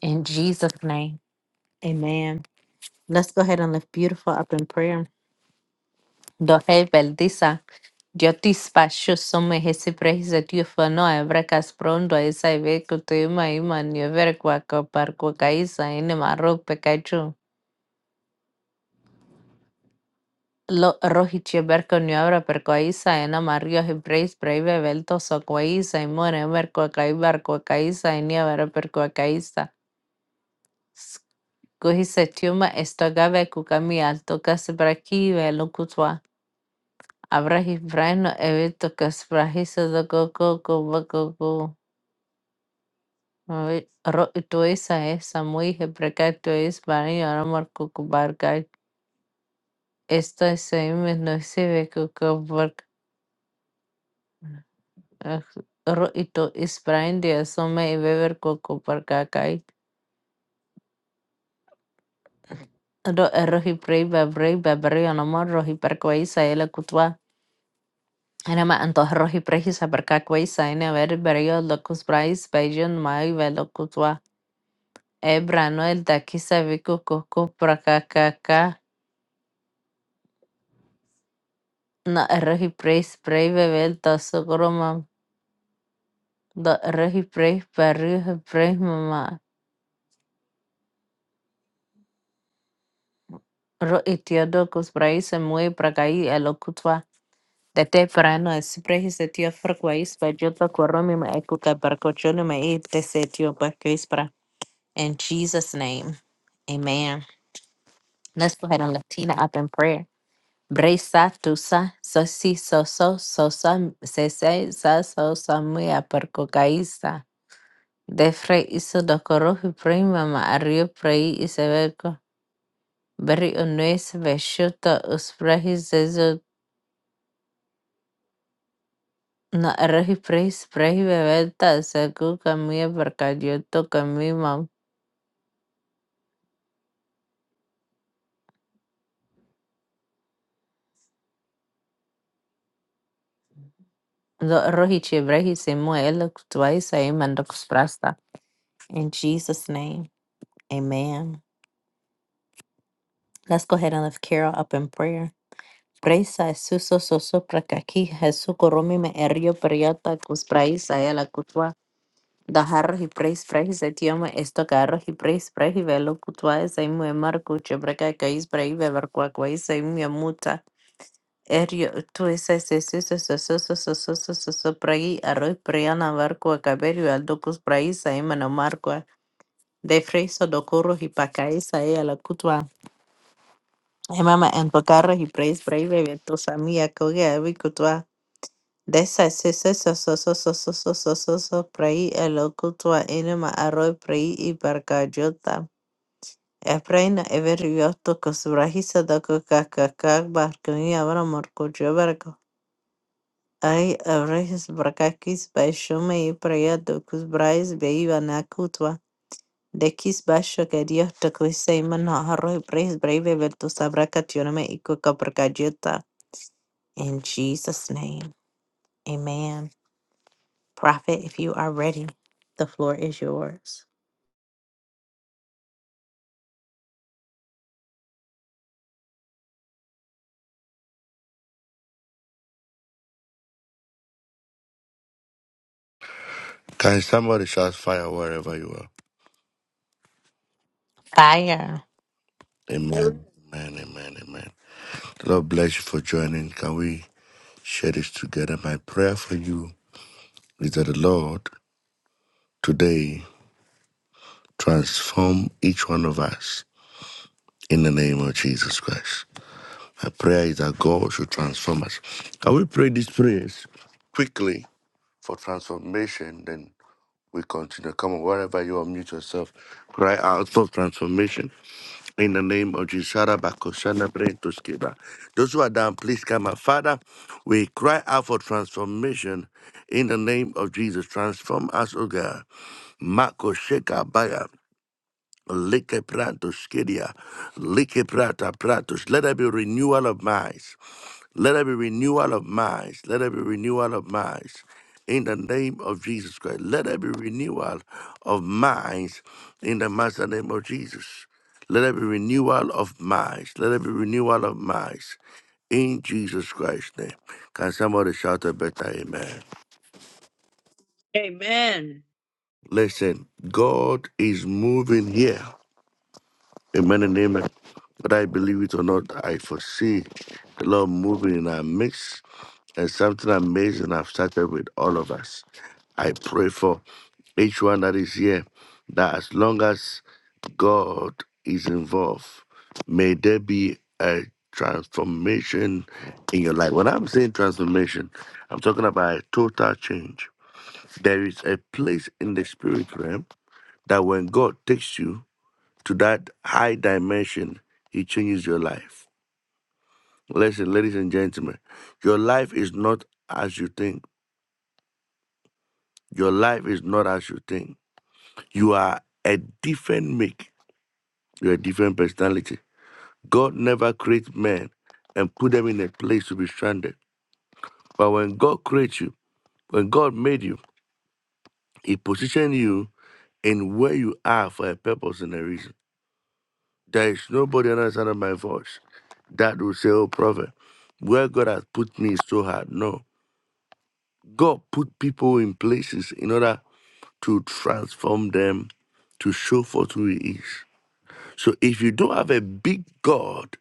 A: In Jesus' name, amen. Let's go ahead and lift beautiful up in prayer. Lord, help Eldisa. Dios te spasiu sume hesi prehisa tiu fano evrekas prondo esa iveku tu ima ima niever kwa kopar kwa kaisa ene marok pekachu. Lo rohi cheberko niabra per kaisa ena mario hebreis breve velto so kaisa imon emer kwa kaibar kwa kaisa enia vera per kwa kaisa. Kuhi se tiuma estogave kukami alto kasi brakive lo kutwa. Habrás Brian evento kasprahiso dogoko kobakoko ro tuisa esa muy hebrakai tuis bani aramar kukubarkai esto es me no se ve kukubar ro ito is Brian de asome y beber kukubarkai ro rohi prei babrei babrei anamar rohi parkoisa ela kutwa Enama antoh rohi prehisa parkakwei saine ver berio locus brais bajon mai velokutwa Ebra Noel Takisaviku Kuku Prakakaka No Rohi Praise Pray Bebel Tosokroma Do Rohi Praise Paru Praise Mama Ro Itiodokus Praise Mui Prakai Alokutwa Tete Prano es Praise Etio Frakwais Pajota Koromi ma Ekuka Barkochoni Mai Tesetio Bakis Pra In Jesus' name, amen. Let's go ahead and Latina up in prayer. Brisa, tusa, sosi, soso, sosa, sese, sa, sosa, muya, perco, Defre hizo docoro, prima, ma, arrio, prei, y Berri, unuis, vesciuto, usprehi, zezo, na, errehi, preis, prehi, bebelta, secu, camia, percadioto, camima. Do, rohi, chibrehi, simu, elo, tuais, aiman, prasta. In Jesus' name, amen. Let's go ahead and lift Carol up in prayer. Praisa suso soso prakaki Jesús koromi me erio periota kus praisa ela kutwa daharro hi prais prais etioma esto carro hi prais prais velo kutwa saimu emar kuche breka kais prai velar kwa kwai saimu yamuta erio tu ese ese suso soso soso soso soso prai arroi priana var kwa kaberio aldo kus praisa emana markwa de freiso dokoro hi pakaisa ela kutwa Emama en tocarro hi prais prais bebeto samia koge abi kutwa Desa sese se so so so so so so so so so prei e lo cultua inima aroi prei i barcajota. E preina e veri yotto cosubrahisa da cocacaca barcani abra morcojo barco. Ai avrehis barcaquis baixome i preia do cusbrais beiva na cultua. De quis baixo que Dios te cuise e mana arroi preis breve vertus abracationame i coca barcajota. In Jesus' name. Amen. Prophet, if you are ready, the floor is yours.
E: Can somebody shout fire wherever you are?
A: Fire.
E: Amen. Amen. Amen. Amen. The Lord bless you for joining. Can we share this together? My prayer for you is that the Lord today transform each one of us in the name of Jesus Christ. My prayer is that God should transform us. Can we pray these prayers quickly for transformation? Then we continue. Come on, wherever you are, mute yourself. Cry out for transformation. In the name of Jesus, Shara Bakosana Brentoskiba. those who are down, please come up. Father, we cry out for transformation in the name of Jesus. Transform us, O God. Mako Sheka Baya. Like pratos, Skidia, Like prata pratos. Let there be renewal of minds. Let there be renewal of minds. Let there be renewal of minds. In the name of Jesus Christ. Let there be renewal of minds in the master name of Jesus. Let there be renewal of minds. Let there be renewal of minds in Jesus Christ's name. Can somebody shout a better amen?
C: Amen.
E: Listen, God is moving here. Amen and amen. But I believe it or not, I foresee the Lord moving in our midst and something amazing I've started with all of us. I pray for each one that is here that as long as God is involved, may there be a transformation in your life. When I'm saying transformation, I'm talking about a total change. There is a place in the spirit realm that when God takes you, to that high dimension, it changes your life. Listen, ladies and gentlemen, your life is not as you think. Your life is not as you think. You are a different make. You're a different personality. God never creates men and put them in a place to be stranded. But when God creates you, when God made you, He positioned you in where you are for a purpose and a reason. There is nobody on the other side of my voice that will say, Oh, prophet, where God has put me is so hard. No God put people in places in order to transform them to show forth who He is. So if you don't have a big God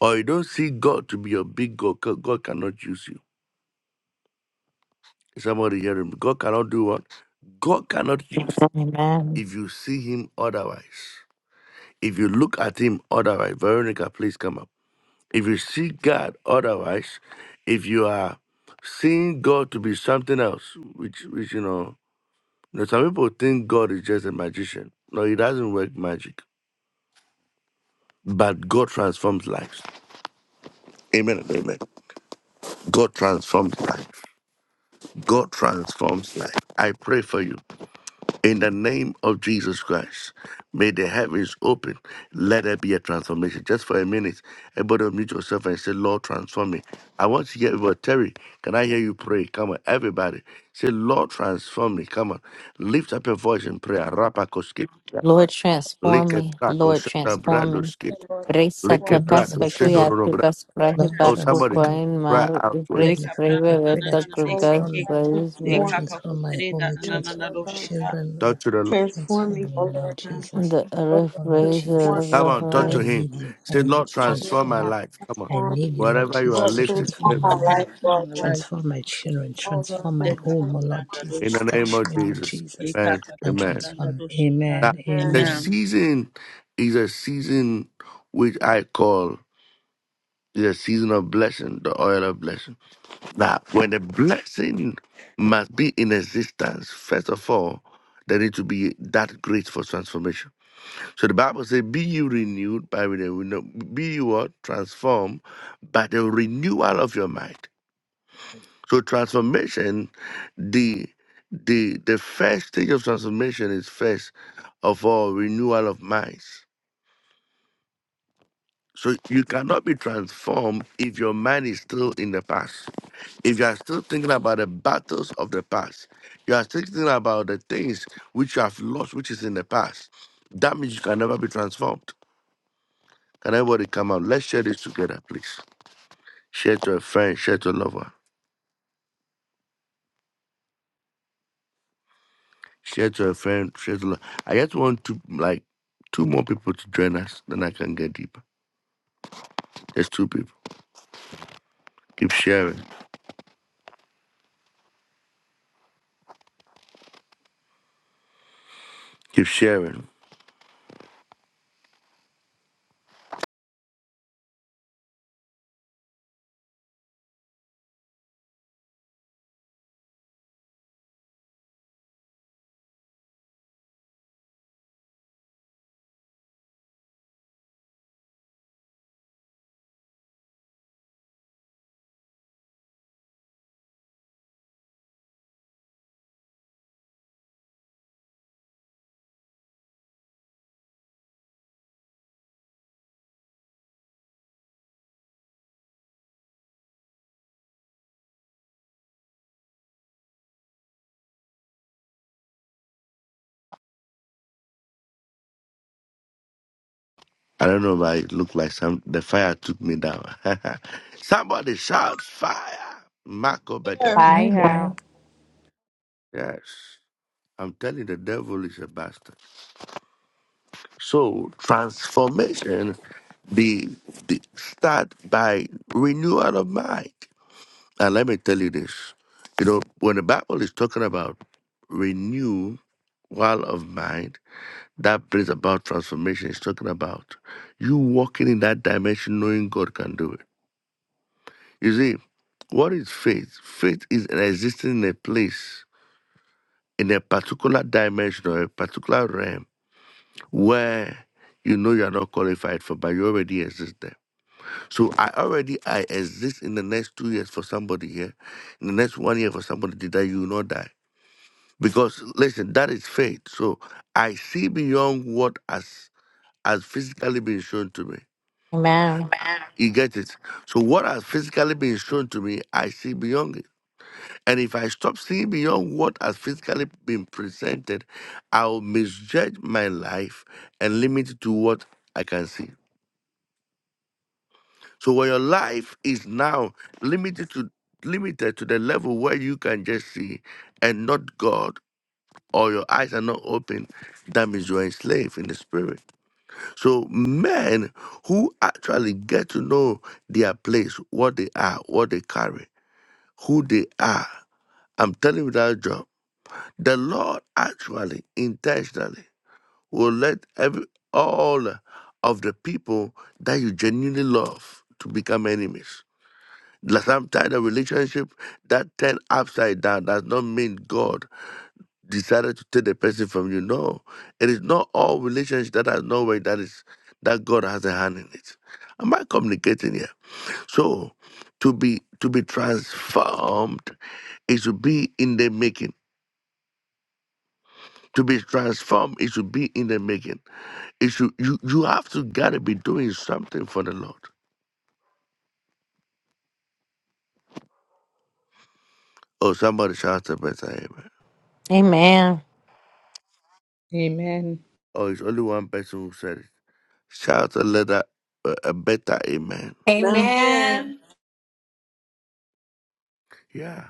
E: or you don't see God to be your big God, God God cannot use you. Is Somebody hearing me. God cannot do what? God cannot use you
A: Amen.
E: if you see Him otherwise. If you look at Him otherwise, Veronica, please come up. If you see God otherwise, if you are seeing God to be something else, which which you know Now, some people think God is just a magician. No, he doesn't work magic. But God transforms lives. Amen and amen. God transforms life. God transforms life. I pray for you. In the name of Jesus Christ, may the heavens open. Let there be a transformation. Just for a minute, everybody mute yourself and say, Lord, transform me. I want to hear everybody. Terry, can I hear you pray? Come on, everybody. Say, Lord, transform me. Come on. Lift up your voice in prayer. Rapakoski.
A: Lord,
E: Lick
A: transform
E: a
A: me.
E: taco,
A: Lord,
E: shut up,
A: transform
E: brando
A: me. Grace
E: Lick a
D: Lord,
A: atakas
E: taco,
D: transform
E: shut
D: me.
A: fakuya
E: up,
A: atakas
C: Lord,
A: prahi
D: Lord,
E: Oh,
A: barko
C: transform
E: somebody
C: me.
E: come
D: transform me.
A: koin
E: cry
A: mar.
E: out to it.
A: Grace
D: Heavenly Father, I
A: preve
D: pray
A: veta
D: that you
B: O Lord
A: kakas
D: transform
C: Dekaprandananananabesheke,
D: me.
B: God,
A: praise
D: You
A: praise.
B: transform me.
D: transform my home. You
B: Yes,
D: transform
B: Lord
D: my
B: God.
C: dekakakoprendanananadosheka.
D: children,
E: Talk
D: Lord.
E: to the Lord.
B: Transform me,
D: Transform
B: O
D: me,
B: Lord
D: Lord
B: God.
D: Jesus.
A: The
B: O Lord,
A: earth
D: Oh, Lord
A: praise the
B: transform
D: Jesus,
B: me,
E: Come
A: earth
B: Lord
E: on, talk
B: God.
D: I
E: to
A: praise.
E: him.
D: need you. I
E: Say,
D: need you
E: Lord,
D: to
B: O Lord,
E: transform my
D: transform me.
E: life. Come on.
D: I
B: transform me.
D: need you, Lord
E: Wherever you are,
B: Lord,
D: Jesus, to
E: lift it,
D: transform
B: transform my
D: my
B: life,
D: life.
C: Transform
B: Lord
C: my
B: God.
C: life.
D: Transform my children.
B: O Lord
D: Transform my
B: God.
D: home, oh, Lord
E: In the
D: Jesus.
E: name
D: Touch
E: of
D: me, Lord
E: Jesus.
D: Jesus,
E: Amen.
D: and
E: Amen.
C: Ikakakapranda
D: transform me.
E: Now,
C: doshata.
D: Amen.
E: the
D: Amen.
C: Amen.
E: season is a season which I call the season of blessing, the oil of blessing. Now, when a blessing must be in existence, first of all, there need to be that grace for transformation. So the Bible says, "Be you renewed by the renew- be you what transformed by the renewal of your mind." So transformation, the the the first stage of transformation is first of all renewal of minds. So you cannot be transformed if your mind is still in the past. If you are still thinking about the battles of the past, you are still thinking about the things which you have lost, which is in the past. That means you can never be transformed. Can everybody come out? Let's share this together, please. Share to a friend, share to a lover, share to a friend, share to. Lo- I just want to like two more people to join us, then I can get deeper. There's two people. Keep sharing. Keep sharing. I don't know, but it looked like some the fire took me down. Somebody shouts fire. Marco Becatiata.
A: Fire.
D: Fire.
E: Yes. I'm telling you, the devil is a bastard. So transformation be the start by renewal of mind. And let me tell you this. You know, when the Bible is talking about renewal of mind, that brings about transformation. It's talking about you walking in that dimension knowing God can do it. You see, what is faith? Faith is an existing in a place, in a particular dimension or a particular realm where you know you are not qualified for, but you already exist there. So I already I exist in the next two years for somebody here, in the next one year for somebody that you will not die. Because listen, that is faith. So I see beyond what has has physically been shown to me.
A: Amen.
E: You get it? So what has physically been shown to me, I see beyond it. And if I stop seeing beyond what has physically been presented, I'll misjudge my life and limit it to what I can see. So when your life is now limited to limited to the level where you can just see and not God or your eyes are not open, that means you're enslaved in the spirit. So men who actually get to know their place, what they are, what they carry, who they are. I'm telling you that job. The Lord actually intentionally will let every all of the people that you genuinely love to become enemies. Like Sometimes a relationship that turned upside down does not mean God decided to take the person from you. No, it is not all relationships that are no way that is that God has a hand in it. Am I communicating here? So, to be to be transformed is to be in the making. To be transformed is to be in the making. If you, you you have to gotta be doing something for the Lord. Oh, somebody shout a better amen.
A: Amen.
D: Amen.
E: Oh, it's only one person who said it. Shout a letter, a, a better amen.
F: Amen.
E: Yeah.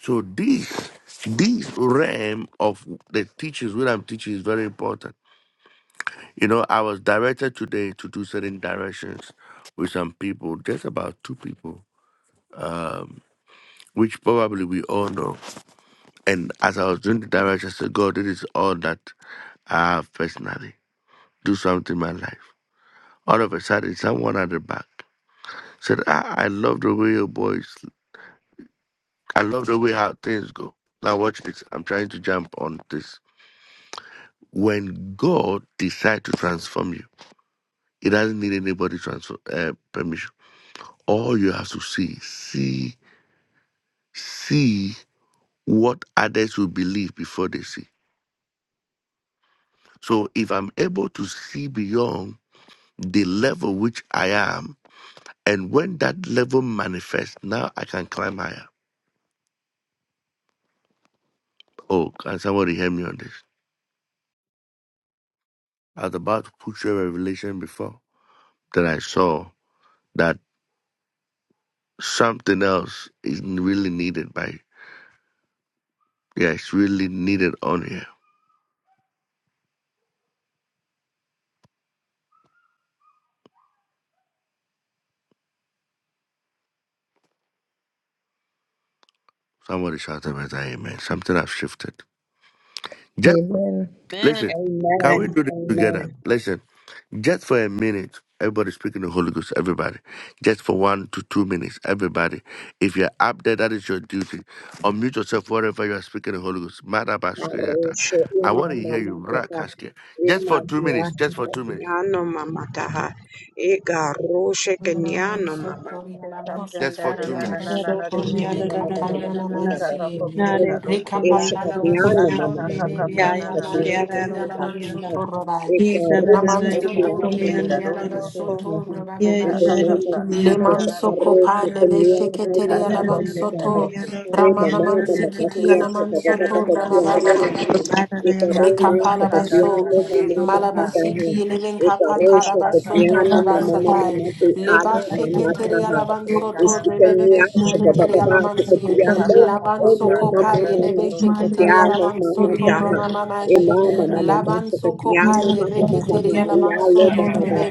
E: So this this realm of the teachings, what I'm teaching, is very important. You know, I was directed today to do certain directions with some people, just about two people, um, which probably we all know. And as I was doing the directions, I said, God, this is all that I have personally. do something in my life. All of a sudden, someone at the back said, ah, I love the way your boys, I love the way how things go. Now, watch this. I'm trying to jump on this. When God decides to transform you, it doesn't need anybody's transfer, uh, permission. All you have to see, see, see what others will believe before they see. So if I'm able to see beyond the level which I am, and when that level manifests, now I can climb higher. Oh, can somebody help me on this? I was about to put you a revelation before. Then I saw that something else is really needed by yeah, it's really needed on here. Somebody shout out better amen. Something has shifted. Just
D: Amen.
C: Amen.
E: listen, can
G: Amen.
E: we do this
G: Amen.
E: together? Listen. Just for a minute, everybody speaking the Holy Ghost, everybody. Just for one to two minutes, everybody. If you're up there, that is your duty. Unmute yourself wherever you are speaking the Holy Ghost. Madabashkirata.
G: Marusha
E: I
G: ina
E: want to hear
G: mama
E: you.
G: kaka.
E: Marakashke. Just
G: Ina
E: for two minutes,
G: viatu
E: just for two minutes,
G: kakiano mama kaha. Ega rushe kenyano mama
E: just
C: Ikaprenda
E: for
C: na
G: In
E: two
C: na
B: Na
C: na na
E: minutes.
B: de
C: na
B: ro
C: na
G: the
B: ko
G: name
B: mi a da
C: deseke.
B: da da da da da da da.
F: Amen.
B: Na de
C: Ikakaprenda
B: ro ko mi a
C: doseka.
B: da ro ko mi a da. Ya
C: Yakakakaprana
B: ya
C: na
B: na
C: na
B: de a da ro
C: deseke
B: ko
C: ha.
B: mi a da.
F: Rekapapalabasothorebeberelebesheketerialabansothorobai.
B: Ye da da da da da ro ko mi a
C: Ikakaprenda
B: da da da ro
C: doseke.
B: ko. Ye da da
F: Namansothorierialabasothorobababashe.
B: ro
G: of
B: ko
C: Ikakaprana
B: mi a
C: na
B: da
C: na
B: da da
G: Jesus,
C: na na
G: arroz
B: da da
G: que
C: doseke
B: da
C: ha.
B: da
G: tenía
B: da.
G: la mamá de mi
B: Thank
C: Ikakaprenda
F: Lemansokopalebesheketerialabansotho.
G: caja.
C: doseke.
G: Eh, mamá, mamá, papía, sacaba, papá,
C: Ikakaprenda na
G: papía,
C: na
G: le
F: Ramanamansikitialamansothorobabashe.
G: mamá.
C: doseke.
G: Eka roma,
C: Yakakapranda
G: sakapia,
C: na na
F: Mekapalabaso,
G: le
C: na na
G: mamá, mamá,
C: deseka.
G: caja.
F: Malabasiti, Eleven
G: Eka rocha,
F: Kapatarabaso,
G: sakapia, le
C: Ikakapranda
G: mamá, mamá,
F: Torabasatai,
G: mamá,
C: doseke
G: te
C: ha.
G: amo,
F: Leba
C: Yes,
G: mamá,
F: Sheketeri
G: caja.
F: Alabanso, Torrebebe
G: Ispikania
F: Sheketeri
G: shabababa
F: Alamansie,
G: tukatialo. O
F: Labanso
G: mama
F: Kopai,
G: mama mama
F: Eleven Sheketeri
G: shakatialo mama
F: Alabanso,
G: daha. E
F: Toramamashi,
G: mama mama
B: you.
G: mama
F: Labanso
G: shakatialo
B: Yes,
F: Kopai,
G: mama
B: Lord
G: mama
B: God.
G: mama
F: Reketeri
B: Yes, Lord God.
G: dialo
F: Alabanso,
B: Yes,
G: baba
B: Lord
G: baba.
B: God.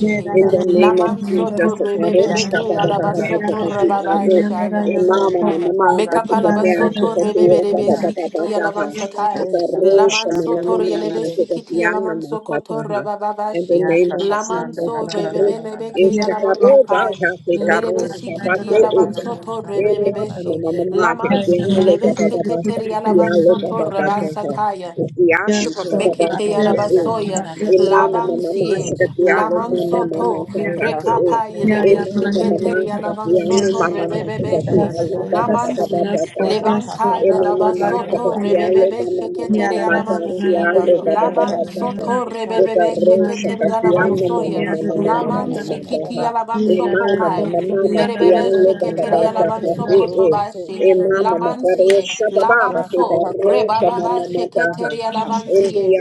B: Yes,
G: In the
B: Lord
G: name of
B: God.
F: Lamanso,
G: Jesus, Rabo
F: Torrebebe
G: shabababa baba
F: Alabaso, Torababashaya.
G: E mama mama mama shakatia
F: Mekapalabasoto
G: shakatio
F: rebeberebe
G: baba baba baba
F: sikiti
G: daha.
B: Yes,
F: alabansatai.
G: Ikaresha mama
F: Lamansoto
G: mama mama
F: releve sikiti
G: shakatialo mama
F: alamanso kotora
G: shataha. In the
F: bababashi.
G: name of Jesus,
F: Lamanso
G: Rabo
F: rebebelebe ke
G: Ishakaro
F: alamankopai.
G: baja se
F: Merebe
G: caro
F: sikiti
G: zapate eso.
F: alavansoto
G: Eh, mama,
F: rebebebeshi.
G: mama, mama, te
F: Lamansi
G: quiero,
F: eleve
G: papá, papá,
F: seketeri
G: te quiero,
F: alavansoto
G: papá, papá, te
F: rabasataya.
G: quiero, papá, papá,
F: Mekepeya
G: te quiero.
F: labasoya,
G: Eh, mama, mama, mama,
F: lavansie,
G: te quiero, mama, mama,
F: lamansoto,
G: te quiero.
F: rekapaye
C: Ikakakapenda
B: Yeah,
G: Eh,
B: yeah,
F: lebeshe
B: man,
G: mama,
C: rusiki,
B: you did
G: mama,
F: keteria
G: te quiero,
F: lavansoto
G: mama, mama, te
C: ikakakapenda
F: rebebebeshe,
B: Yes,
C: nanana,
G: quiero,
B: Lord.
G: papá, papá,
B: Yes, Lord.
G: papá, te
B: Yes,
F: namansi,
B: Lord.
G: quiero.
B: Yes, Lord.
G: Eh,
F: levankaya
B: Yes,
G: mama,
B: Lord.
G: mama,
B: God, I will
G: te
C: yakakakakakapenda
F: labasoto
B: come
G: quiero,
C: rusiki,
G: mama,
F: rebebebeshe
B: Yeah,
G: mama,
F: keteria
G: mama, te
F: namansie.
G: quiero, papá,
C: ikakakapenda
G: papá,
F: Lavan
G: te quiero.
F: soto
C: nanusika,
G: Mama,
F: rebebebe
B: Yeah,
F: shekete yalavan soya.
G: mama, mama,
C: yakakakakapenda
F: Laman
G: mama,
F: shikiti
C: nananana,
F: yalavan
B: Yeah,
F: soko pai. Merebebe shekete yalavan
C: ikakapenda
F: soko
C: rusiki,
F: tobashi.
B: Yeah,
F: Laman siye. Lavan so.
C: yakakakapenda
F: Rebababa
C: nananana,
F: shekete yalavan siye.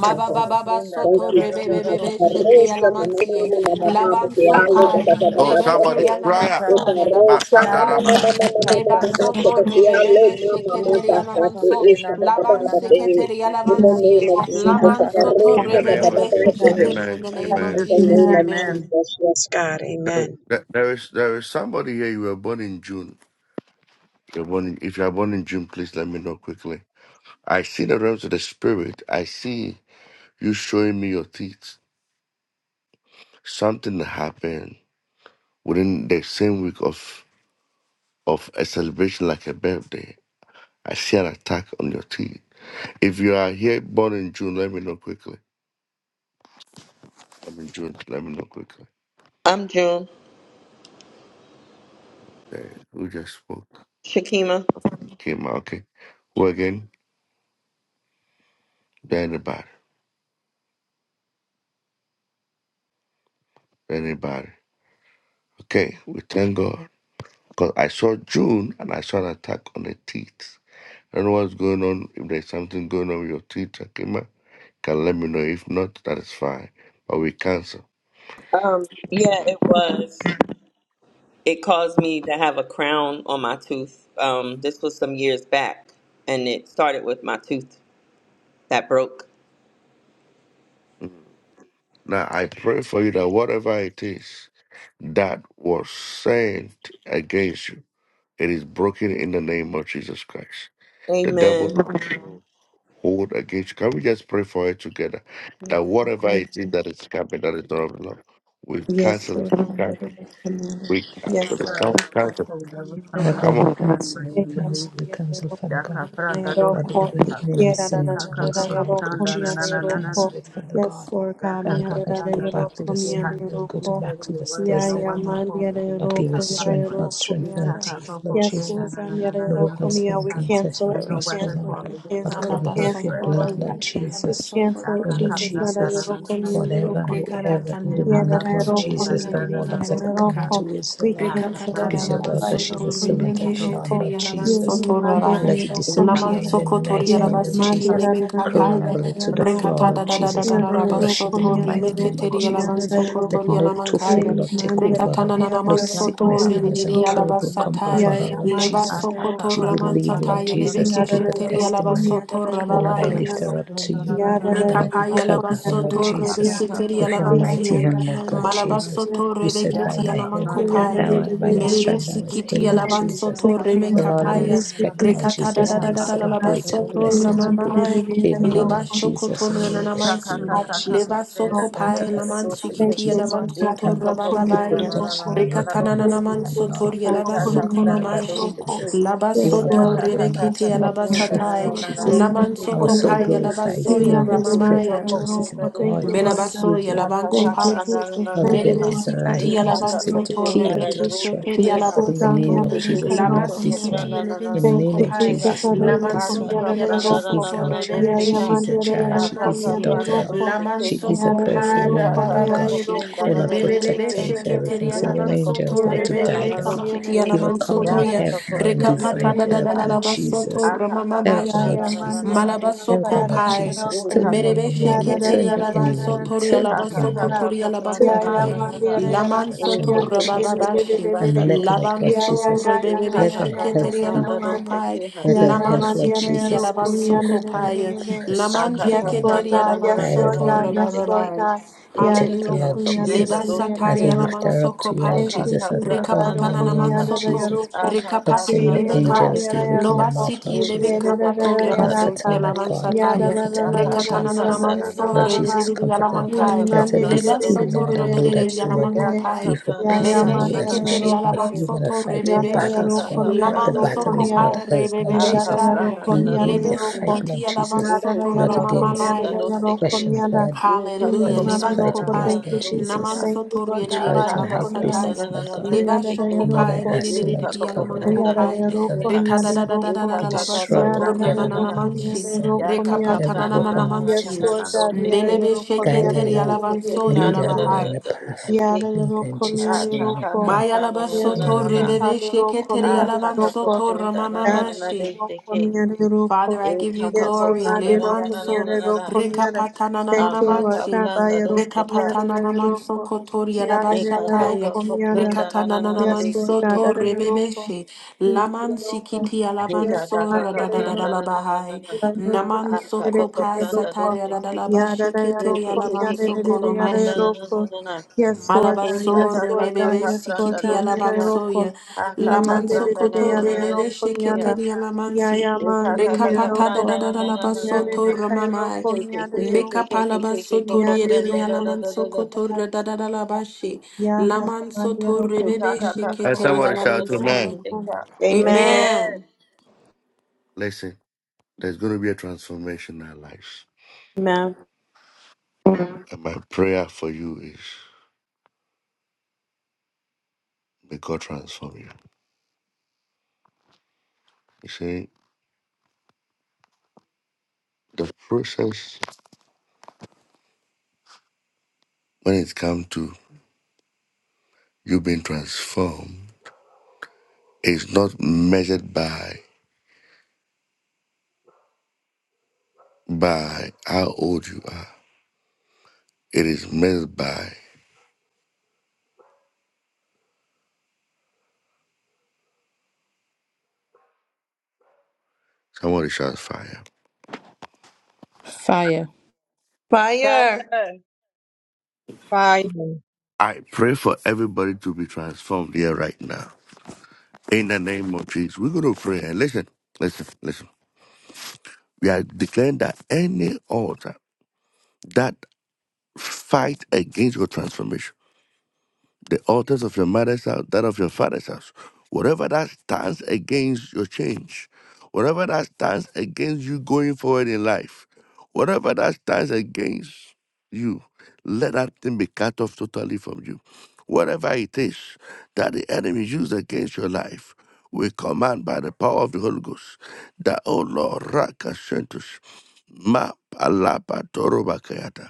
G: Mama, Thank
F: soto
G: you,
C: rarararara
G: Jesus.
F: rebebebe
C: rusiki,
F: shete
G: Arosha mama
F: yalamansiye
G: mama mama mama
F: laban
G: ke
F: so
G: ale da da
F: pai
G: da
C: ikikikikikakapenda
G: da
E: Oh,
G: da
F: lebeke
E: somebody,
C: nananana
G: da.
E: cry
C: rusika,
E: out.
G: Eka
F: yalamanso
G: arosha
F: yalabasa
G: mama
F: taya
E: Mashadarabaka.
G: mama mama mama mama
F: leba
C: akakakakapenda
G: mama ke
F: soto
C: rusiki,
G: ale
F: rebebebe
G: mama mama
C: In
F: sheketeri
G: da da ke
F: yalamanso
C: Jesus'
G: isha da da da
F: laban
G: da ke.
F: sheketeri
G: In the name
F: yalamansiye
G: of Jesus,
F: laman soto
E: In
G: arosha
E: the
G: da da
E: name
G: da
E: of
F: rebebebe
G: da ke.
E: Jesus.
G: In
F: sheketeri in
E: Amen.
F: the name of
E: Amen.
G: the
F: Jesus
C: name,
G: name
B: Amen.
G: of
C: amen.
F: amen
G: Jesus, yes God,
E: There,
G: Amen.
E: there, there is there is somebody here. You were born in June. You're born in, if you are born in June, please let me know quickly. I see the realms of the spirit. I see you showing me your teeth. Something that happened within the same week of of a celebration like a birthday. I see an attack on your teeth. If you are here born in June, let me know quickly. I'm in June. Let me know quickly.
B: I'm June
E: Uh, who just spoke?
B: Shakima.
E: Came out. Okay. Who again? Anybody? Anybody? Okay. We thank God because I saw June and I saw an attack on the teeth. I know what's going on. If there's something going on with your Twitter, Kima, can let me know. If not, that is fine. But we cancel.
B: Um, yeah, it was. it caused me to have a crown on my tooth. Um, this was some years back, and it started with my tooth that broke.
E: Mm. Now I pray for you that whatever it is that was sent against you, it is broken in the name of Jesus Christ. The devil
B: Amen.
E: hold against you. Can we just pray for it together? That whatever it is that is coming that is not of the Lord, we
B: Yes,
E: cancel it.
B: sir.
E: We cancel it. We cancel
B: Yes,
C: Father
E: it. Come
C: God,
E: on,
C: we can't
E: cancel it.
C: hold that was
D: Father
C: coming
B: sir.
C: up
E: Come
D: God, we
C: against
E: on.
C: that in
D: cancel, we
C: the
B: Yes,
C: name of
B: Lord
D: cancel, we
C: Jesus.
D: cancel, Father God.
C: Yaka pranda do
B: God,
D: Whatever the
C: shikha.
D: enemy is
B: mianda da
D: sending
C: Yaka kaka
B: da
D: towards her,
C: kaka
D: Lord God
C: pranda na na
D: Jesus,
C: na
D: we
C: na na na
D: cancel it, Father
C: na.
D: God. Father God, let it go
C: Rakakakanda
D: back to
B: yoroko,
D: the
C: Rukukuha.
B: mianda
D: sender, let it go
C: He
D: to
B: yoroko,
C: said
D: back
C: in
D: to
C: the
D: this
C: word that
B: ya
C: no
D: desert,
B: ya
C: weapon
D: Lord.
C: formed
B: mandia da
C: against
D: Lord,
C: us
D: give
B: yoroko,
D: us
C: shall
B: ya
D: strength,
C: prosper.
D: Lord,
B: yoroko,
D: strengthen our
B: mianda.
D: teeth, Lord
B: Yes,
C: Yikakakokokena
B: Lord
D: Jesus.
C: na
B: God,
C: na na
B: mianda
C: na
D: No
C: na na
B: yoroko,
D: weapons
B: mianda.
D: formed
B: We
C: Rukukuha.
D: against her
B: cancel
D: shall
C: And
B: it, we
C: no
D: prosper,
C: weapon
B: cancel
D: Lord.
B: it,
C: formed
B: we
C: against
D: Lord,
C: her
B: cancel it, we
C: will
D: cover her with your
C: prosper
B: cancel
C: in
B: it,
C: the
F: Alabasoko,
D: blood,
B: Lord
C: mighty name
D: Lord
B: God.
C: of
B: We
C: Jesus.
D: Jesus.
F: alabasoko,
B: cancel
D: Oh,
B: it,
F: in the
D: Lord
B: Jesus.
F: name
B: Mianda
C: Rakakakanda
F: of
C: na
D: Jesus,
C: na na
B: yoroko,
C: na
F: Jesus.
B: mianda
D: whatever and
B: yoroko,
C: Rukukuha.
B: mianda.
D: whoever the demonic,
F: Rekapatana,
D: Lord
B: Yarararoko,
F: soto,
C: Yikakakokenda na
D: Jesus, the
C: na na na
D: warlocks that are
C: Rukukuha.
D: coming
B: yarararoko.
F: yediri,
D: towards the
B: We
D: Lord.
F: Rika
B: cancel the
F: patala
C: Yakakanda
F: Rikapatala
D: She's your
C: na na na na
D: daughter,
C: na
D: she's a
C: na
F: labansoto
B: yarararoko,
D: servant of the
F: rebekeshe
C: Rukukuha.
D: Lord,
B: yarararoko.
F: teri
D: Lord Jesus.
B: Yere
F: alabansoto
D: Let it
F: rabai.
B: mandiraroko,
D: disappear in
B: yara-
D: the
F: Lamantsoko
C: Yikakakokenda na
F: tori
D: mighty name
B: yere
D: of
C: Rukukuha. Yakakanda na
F: alabasiti
C: na na na
D: Jesus.
F: lebenkapaya.
D: Crumble it to the floor,
B: mandirararararararoko.
D: Lord
F: Rikatada da da da
D: Jesus,
F: da da
D: and
C: na
D: crush
B: Yarararoko,
D: it in the
F: labasoto
D: mighty
F: remeke
D: name
B: yarararoko,
D: of
F: teri
D: Jesus.
F: alabansoko
D: Let
F: tori
B: yarararoko.
D: no
C: Rukukuha.
D: tophet,
F: alamankaya.
B: Yere
D: Lord, take over her.
F: Rikatana
D: No
F: na
B: mandirararararoko,
C: Eka
D: sickness
F: tori
D: that is
F: riniri
B: yarararoko.
D: incurable come over
F: alabasatai.
D: her,
B: Yaya
D: Lord Jesus.
F: Lebasoko
B: mandirararoko,
D: She
B: yara-
D: will leave, Lord
F: toramansatai
D: Jesus, to give
F: lebekeshe
D: her
F: teri
B: yarararoko,
D: testimony.
F: alabasoto
D: Oh Lord,
B: yarararoko,
D: I
F: rabai.
D: lift her
B: yara-
D: up to you.
B: Yada
D: Oh
B: yada
D: Lord, we
F: Mekapaya
B: roku
D: cover her,
B: yada
D: Lord
F: labasoto
B: roku
D: Jesus
B: yada
F: rebeketeri
D: with your
B: yada
D: mighty
F: alavansi.
B: yada
D: hand,
B: yada
D: Lord God Jesus.
B: yada
F: Malabasoto
D: You
B: roku
D: said by
B: yada
F: rebeketi
D: thy hill,
B: yada
F: alamankopai.
D: thou
B: yada
D: by thy
F: Merebe
D: stripe thou was
B: yada
F: sikiti
D: healed, Lord
B: yada.
D: Jesus.
F: alavansoto
B: Thank you,
D: So
B: Lord
D: Lord,
B: God.
D: we
F: remekapaya.
B: Thank you,
D: expect Lord
B: Jesus.
F: Rekata da
B: Thank
D: Jesus
F: da
B: you,
D: and
F: da
D: we
F: da da
B: Father
F: da
B: God.
D: celebrate her
F: labasoto
D: blessings. We
B: Yada
D: pray,
F: ramamamai.
B: yada yada
D: favor her, Lord
B: roku
D: Jesus, and
F: Libashokoton
D: wherever she go,
F: mananamansi.
B: Yes,
D: Lord
B: Lord God, yes,
D: Jesus.
F: Leva soko
D: Bless
B: Lord God, yes,
D: and
B: Lord
F: pae
D: keep
B: God,
D: us safe,
F: lamansi
D: Lord
B: Thank
F: kiti
B: you,
D: Jesus,
F: elevan
D: from the
F: soto
D: enemy. Put
F: rabababaya.
D: protection over her and her
F: Rikatananaman
D: family, Lord,
F: sotori elava
D: as we
C: ka
F: soko
D: call on
C: pranda
D: you,
F: namashi.
C: do
D: Jesus.
F: Lava
D: You are
C: Ya
F: soto
D: God,
C: ka
D: you are
C: ka ka
F: ririkiti
C: ka
D: mighty,
C: ka
D: you
F: elava
D: are
C: prenda
D: truth,
C: na na
D: Lord
F: satai.
C: na na
D: Jesus.
C: roste
F: Laman
C: kima.
D: Our
F: soko
D: soul
F: pae
C: Ye
F: elava
C: ke ke
D: glorifies
C: ke
D: you
F: soya
D: and
C: ke
D: our
C: ke ke
D: spirit
C: ka
F: ramamaya.
C: ko
D: rejoices
C: prenda
D: in
C: roste
D: God, your
C: ke.
B: Lord
F: Melabaso
B: God.
D: Savior,
C: Ya
D: Lord
C: ka
F: Yalabanco
C: ka
B: Thank
D: Jesus.
B: you,
F: Pai,
C: na na
B: Jesus.
C: na
D: Not
C: na na.
D: the
B: Thank you,
D: devil
C: na.
D: is a
F: Meredesi
D: lie. He
F: Kiti
C: Ye
D: comes
C: ka
D: to
C: ka
D: steal,
C: ko
B: Lord
D: to
F: Yalabansoto,
B: God.
D: kill,
C: prenda
D: and
C: ra
D: to
C: ra
F: Rebeke
D: destroy.
C: roste
F: Shekeri
B: Yes,
C: kima.
D: But
B: Lord
D: in the
B: God, me
C: Ye
D: name
F: Yalabansoto,
B: and
D: of
C: ke ke
B: the
C: ke
D: Jesus,
C: ke
B: Cairo
C: ka
D: not
F: Labasi
C: ko
D: this
B: Comiana.
F: Kiti
D: one.
C: prenda na na na
D: In
C: na
D: the
F: Yalabanso
B: Thank
D: name
B: you,
D: of
C: roste
F: Copai,
C: ka.
B: Jesus.
D: Jesus, not
B: Arero
C: A
D: this
C: ka
F: Lamansoto
D: one.
C: ka
B: Comiana de
C: prenda
D: She
C: na
B: Roco.
C: na
D: is
C: na
F: Yalabasoto,
D: our
C: na
D: child.
C: roste
F: Rebebe
D: She
C: ka.
D: is your
B: Yayamande
F: Shekeri
D: child.
B: Rero
C: A
D: She
C: ka
D: is your
C: ka
B: Comiana
F: Yalabansie,
B: de
D: daughter,
C: prenda
D: Lord.
B: Roco.
C: roste
D: She
F: Lamanso
C: kima.
D: is a
B: Yada de
F: Copai,
D: prayerful
C: Ye
B: Rero
C: ka
D: woman,
C: ka
D: Lord
B: Comiana
C: ko ko
D: God.
B: de
C: prenda
B: Roco.
D: Oh,
C: na na
D: Lord,
C: roste
F: Mebebebe
D: protect
C: ke.
D: her with
F: sheketeri
D: everything. Send
C: Ye
D: your
C: ka
F: alaman
C: ko ko
F: soto
D: angels, Lord,
B: Yada
D: to
B: de
C: prenda na
B: Rero
D: guide
C: na
F: rebebebe
D: her, Lord.
C: roste
F: sikiti
B: Comiana
D: Give
C: ke.
B: de Roco. Yada de
D: her
F: alaman
B: Rero
C: Ya
F: soto
D: covenant
F: ya
B: Comiana
C: ka ka
D: help,
C: ko
D: Lord, and
B: de
C: prenda
D: divine
F: rekapata da
C: roste
F: da
D: help,
F: da
C: ka.
F: da la
D: Lord
B: Roco.
F: basoto
D: Jesus.
B: Yada.
F: ramama
D: Help her,
B: Ya
D: Lord
F: mashi
B: ya man ya
D: Jesus.
B: ya ya
D: Help
C: Akakakakaprandananananarishike.
D: her,
F: malabasoko
B: kara da
D: Lord
B: da ya
F: pai
B: ra
D: Jesus.
B: ko
D: Turn the
F: merebe
D: enemy
B: ya
D: away.
B: da da
D: Turn
F: sheketeri
B: da da
D: the
F: alaman
B: da da da
D: enemy
B: da
D: away.
F: soto
B: da
F: ri
D: Turn the
B: da da da
D: enemy
F: alabasoko
D: away.
B: da
F: tori
D: Turn
F: alabako
B: ya
D: the
B: ya
F: pai
D: arrow
B: man
D: in
B: ya ya
D: another
B: ya ra
F: laman
B: ka
D: direction,
B: ya
F: soto
D: Lord
B: da da da da
D: Jesus.
B: da
F: rabababashi
B: da da
D: And
B: da
D: let, Lord
C: Ikekekekekekakaprandadoshike.
F: laban
D: God
B: ya ya
F: so
D: Jesus,
B: ya ya ya
F: rebebebe
D: let
B: ya
D: her
B: ya ya
D: health
F: sheketeri
B: ya
D: be,
B: ya
F: alaman
B: man
F: kopai
C: Ikakakakaprandadoshikeha.
D: let
B: ya
D: her
B: ya
F: laman
D: health,
B: man
D: Lord
B: ya ya ya
F: sikiti
B: ra
D: Jesus, be
B: ko
F: alaban
D: safe,
B: ya da
F: soko
B: da
D: Lord.
B: da
F: pai
B: da
D: Give her
B: da
F: laman
D: strength,
B: Yes,
D: Lord.
B: Lord
F: sheketeri
B: God.
F: alaman
B: Yes,
D: Guide her,
B: Lord
F: soto
B: God.
D: Lord.
B: Yes,
C: Akakakaprandanananananarishike.
B: Lord
F: rabababai
B: God. Yada
D: Protect her,
B: no
F: Hallelujah.
D: Lord
B: kunyada de
F: Leba
D: Jesus.
B: de yada
D: As
F: satari
D: we
C: Ikekekekekakaprandadoshikeha.
D: lift
F: alaman
B: yaroko.
D: her up
F: soko
D: to you, Lord
B: Thank
F: pashi.
B: you,
D: Jesus, as we
B: Jesus.
F: Reka
D: call
B: I
D: on
B: don't
D: your
F: patana
D: name,
F: naman
C: Yakakakaprananananana.
D: Lord
B: kunyada de
F: soto.
D: Jesus.
B: yaroko.
F: Reka
D: Lord,
F: pati
D: send your
B: Yeme
F: eleven kai.
B: mani
D: angels to
B: yada
C: Akakakaprandadoshike.
D: work in her
F: Loba
B: yaroko.
D: mouth, Lord
F: siti eleven
D: Jesus.
B: Yada da da da
F: kapatoria
D: Comforter,
F: basiti
B: yaraka.
D: Lord
F: alaman
C: Ikekekekekakaprandadoshikeha.
D: God,
B: Yada
F: sataya.
B: da da
D: comforter,
B: da
D: Lord
B: da da
F: Reka tanana
B: da
D: Jesus.
B: da
F: naman
B: da da
F: so
C: Yakakakaprandananana.
D: Lord
B: da da
D: Jesus,
B: da.
F: rediri
C: Ah,
F: alaman
D: comforter.
C: ka ka
F: kai.
B: Mm,
C: ka
D: Let her
B: mandi
D: be
B: de
C: planda
B: de
F: Leba
B: de
C: do
D: still,
B: de
C: se
B: de de
F: soto
D: Lord,
C: ka.
D: and
B: de
D: know
B: de
D: that
B: de
F: rediri
B: de
D: you are
B: de
F: alaman
B: de.
D: there.
C: Ya
B: de.
C: ka ka
F: kopai.
D: Give her
B: Ya
C: plana
D: peace
B: ya
C: na na
D: and
F: Merebe
C: na
D: know
B: mani
C: na na
D: that
B: yada
D: you-
C: na de
D: she's
F: şeketeri
C: se
D: gonna
F: alaban
B: yaroko.
C: ke.
D: you're gonna
F: soto
D: fight
C: Ye
D: her
B: Yada
C: ka ka
F: rebebeşi.
B: yaro
D: battles
C: ka
D: for
C: ka
B: kom
D: the
C: planda
F: Laman
C: do
D: battle
C: se
F: soko
D: is
C: ke.
D: not
B: yada
F: pa
D: hers, Lord
C: Ah, ka
B: Yarara
D: Jesus.
C: plana
F: rebebeşaya.
B: yaroko
C: na na
D: We
C: do
B: miyara
D: we
C: se
F: Lebe
C: ke
B: yaroko
C: na.
D: fight, Lord
F: sikiti
B: miyara
F: alaban
C: Ye
D: Jesus,
C: se
B: yerara
F: soto
C: se
D: not
C: ka ka
B: yaroko
D: against
B: miyara
C: planda
F: ramamamaya.
C: do
B: yaroko yarara yaroko miyara
C: se
B: yaroko
C: ke.
D: flesh and
B: miyara
D: blood,
C: Ye ka ka
D: but
F: Hallelujah.
C: ka
D: we
B: Mm,
F: Levan
C: planda
D: fight
C: na
B: yaroko.
C: na
F: kopai
C: na
D: against
B: Thank
C: na
B: you,
D: Lord
C: do se
B: Jesus.
C: ka.
F: naman
D: Jesus.
B: Thank you,
F: sotorie
B: Lord
F: de
B: God.
C: Ah,
F: de
C: ka
D: Spirituality in
B: yada
C: ka
D: high
B: kom
C: planda
B: yada
C: na
D: places,
F: alabasakaya.
C: na
D: Lord
C: na na
D: God.
C: de
F: Leva
C: se ke.
D: Lord, I
F: shokopai
B: Yaroko
F: nene
C: Ye
D: ask
F: de
D: you
F: de
C: ka
D: Lord, to
F: de
C: ka ka
D: cover
F: alaman
B: miyara
D: her.
C: planda do
B: yarara
F: kopai.
C: se ke
D: Lord,
B: yaroko
C: ha.
D: I
F: Reta da
D: ask
F: da
D: you
F: da da
C: Ye
F: da
C: ka
D: to
B: yarara
F: da
C: ka
F: la
C: ka ka
D: destroy
B: yada
C: planda
F: basotor na
C: na
D: whatever
B: miyara
F: na
C: na
D: the
F: na
C: na.
B: yaroko
D: enemy has
B: yarara
F: manchi.
D: sent,
C: Ya
B: yaroko
C: ka
B: miyara
C: ka
B: yaroko
F: Rekapata
D: whatever
F: na na
C: plana
F: na
C: na
F: na
D: weapon,
C: na na
D: Lord
C: na
B: Yes,
F: manchi.
C: na
D: Jesus,
C: na
B: Lord
C: do
B: God,
C: se
D: destroyed.
B: Yara
C: ke.
F: Melebe
B: Yoroko,
C: Eka
D: Guide
C: ka
B: Yara
C: ka
D: her,
F: sheketeri
D: Lord.
F: alavanso
D: Lead
C: ka
D: her, Lord,
B: Yoroko,
D: in the
F: yalavahai.
D: path.
B: Yara
D: Lead her in
B: Yoroko, Yara
D: Jesus'
C: ka
D: name, I
B: Yoroko.
D: pray.
F: Maya
B: Yes,
F: labasotor
B: Jesus,
D: Amen.
B: Yara
F: rebebe
B: Yoroko,
F: sheketeri
B: Yara
F: alavanso
B: Yoroko,
F: torra mama
B: Yara
F: mashi.
B: Yoroko, Yara
F: Father,
B: Yoroko.
F: I give you
B: Yes,
F: glory.
B: Umar Yoroko,
F: Lemanso,
B: Yara Yoroko, Yara.
F: rekapatana
B: Thank you, Lord
F: nanamansi,
B: God, by Yoroko, Yara
F: rekapatana namanso
B: Yoroko,
F: kotori
B: Yara
F: yarabashataya,
B: Yoroko, Yara.
F: rekatana
B: Yes, Lord
F: nanamanso
B: God,
F: to
B: Yara Yoroko,
F: rebebeshe,
B: Yara
F: lamansi
B: Yoroko,
F: kiti
B: Yara
F: alavanso
C: ka
B: Yoroko.
F: radadadadalabahai,
B: Yes, Lord
F: namanso
C: pranda
B: God,
F: kopasatari aladalabashe keteri alavanso kolomashi. Malabaso
B: yes, Lord God,
F: rebebe
B: yes, Lord
F: sikiti
B: God, mira
C: doshika,
B: roko.
F: alavansoya.
C: Aka ka
B: Nande
F: Lamanso
B: de
C: pranda
B: de
C: na
B: de
F: koto
C: na na
B: yare
C: na
F: rebebe
B: roko
C: tikiya.
B: miana.
F: sheketeri
B: Ya
F: alamansi.
B: ya
C: Eka
B: mandi
C: ka ka
B: yare
C: ka
F: Rekapata da
B: roko.
C: pranda
F: da
C: na
F: da da
C: na na na na
F: labaso
B: Yare
C: na
F: to
B: ne
C: na.
B: kai
F: ramamai.
B: roko
C: Ke ke ke
B: miare
C: ke ke ke
B: roko.
C: ke ke ke
F: Mekapalabaso
C: ko
F: to
C: ko
B: Yare
F: riederi
C: pranda da
B: roko
C: da da
B: yare
C: da
F: alamanso
C: da.
B: de de
F: koto
B: de
F: da da da da
B: de
F: labashi.
B: Ya ha
F: Lamanso
B: mandi
F: to
B: roko
C: Ke ka
F: rebebe
C: ka
B: miare
C: ka ka
E: And
B: roko.
F: sheketeri
E: somebody
C: pranda da da
E: shout
C: da da
B: Ya
E: to
C: da
F: alamansaya.
C: da
B: roko.
C: ka.
B: Amen.
C: Amen.
F: Amen.
E: Listen, there's going to be a transformation in our lives.
B: Amen.
E: And my prayer for you is may God transform you. You see, the process when it comes to you being transformed is not measured by by how old you are. It is measured by somebody shots fire.
D: Fire.
B: Fire.
C: Fire.
G: Father,
E: I pray for everybody to be transformed here right now. In the name of Jesus. We're gonna pray and listen, listen, listen. We are declaring that any altar that Fight against your transformation. The altars of your mother's house, that of your father's house. Whatever that stands against your change, whatever that stands against you going forward in life, whatever that stands against you, let that thing be cut off totally from you. Whatever it is that the enemy used against your life, we command by the power of the Holy Ghost that, oh Lord, Raka Ma palapa toroba kayata.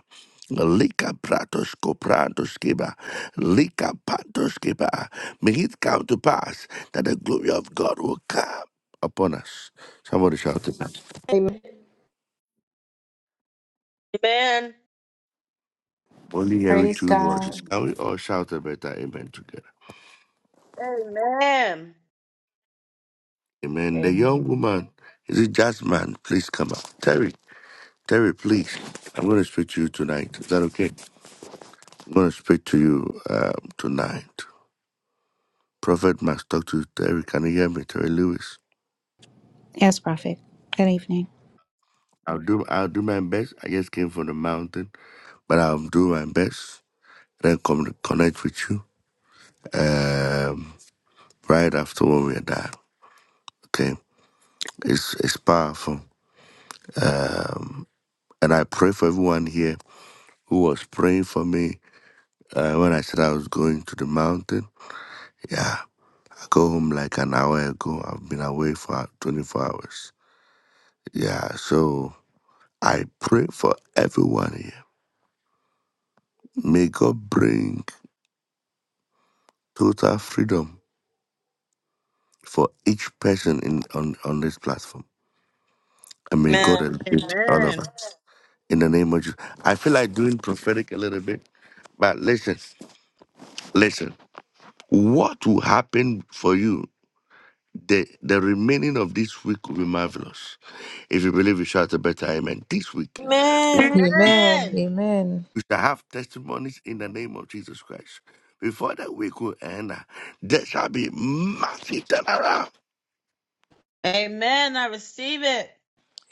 E: Lika pratos koprantos kiba. Lika pantos kiba. May it come to pass that the glory of God will come upon us. Somebody shout it.
C: Amen.
E: Only hearing
F: Praise
E: two voices.
F: God.
E: Can we all shout a better amen together?
C: Amen.
E: Amen. The
G: and
E: young woman, is it Jasmine? Please come up. Terry, Terry, please. I'm going to speak to you tonight. Is that okay? I'm going to speak to you um, tonight. Prophet must talk to Terry. Can you hear me? Terry Lewis.
H: Yes, Prophet. Good evening.
E: I'll do I'll do my best. I just came from the mountain, but I'll do my best. Then come to connect with you um, right after when we're done. Okay, it's it's powerful, and I pray for everyone here who was praying for me uh, when I said I was going to the mountain. Yeah, I go home like an hour ago. I've been away for 24 hours. Yeah, so I pray for everyone here. May God bring total freedom for each person in on, on this platform. And may God elevate all of
C: Amen.
E: us. In the name of Jesus. I feel like doing prophetic a little bit, but listen, listen. What will happen for you? The the remaining of this week will be marvelous. If you believe you shout a better amen. This week,
B: Amen.
E: before the week
C: Amen.
D: Amen. Amen.
E: we shall have testimonies in the name of Jesus Christ. Before the week will end, uh, there shall be massive turnaround.
C: Amen. I receive it.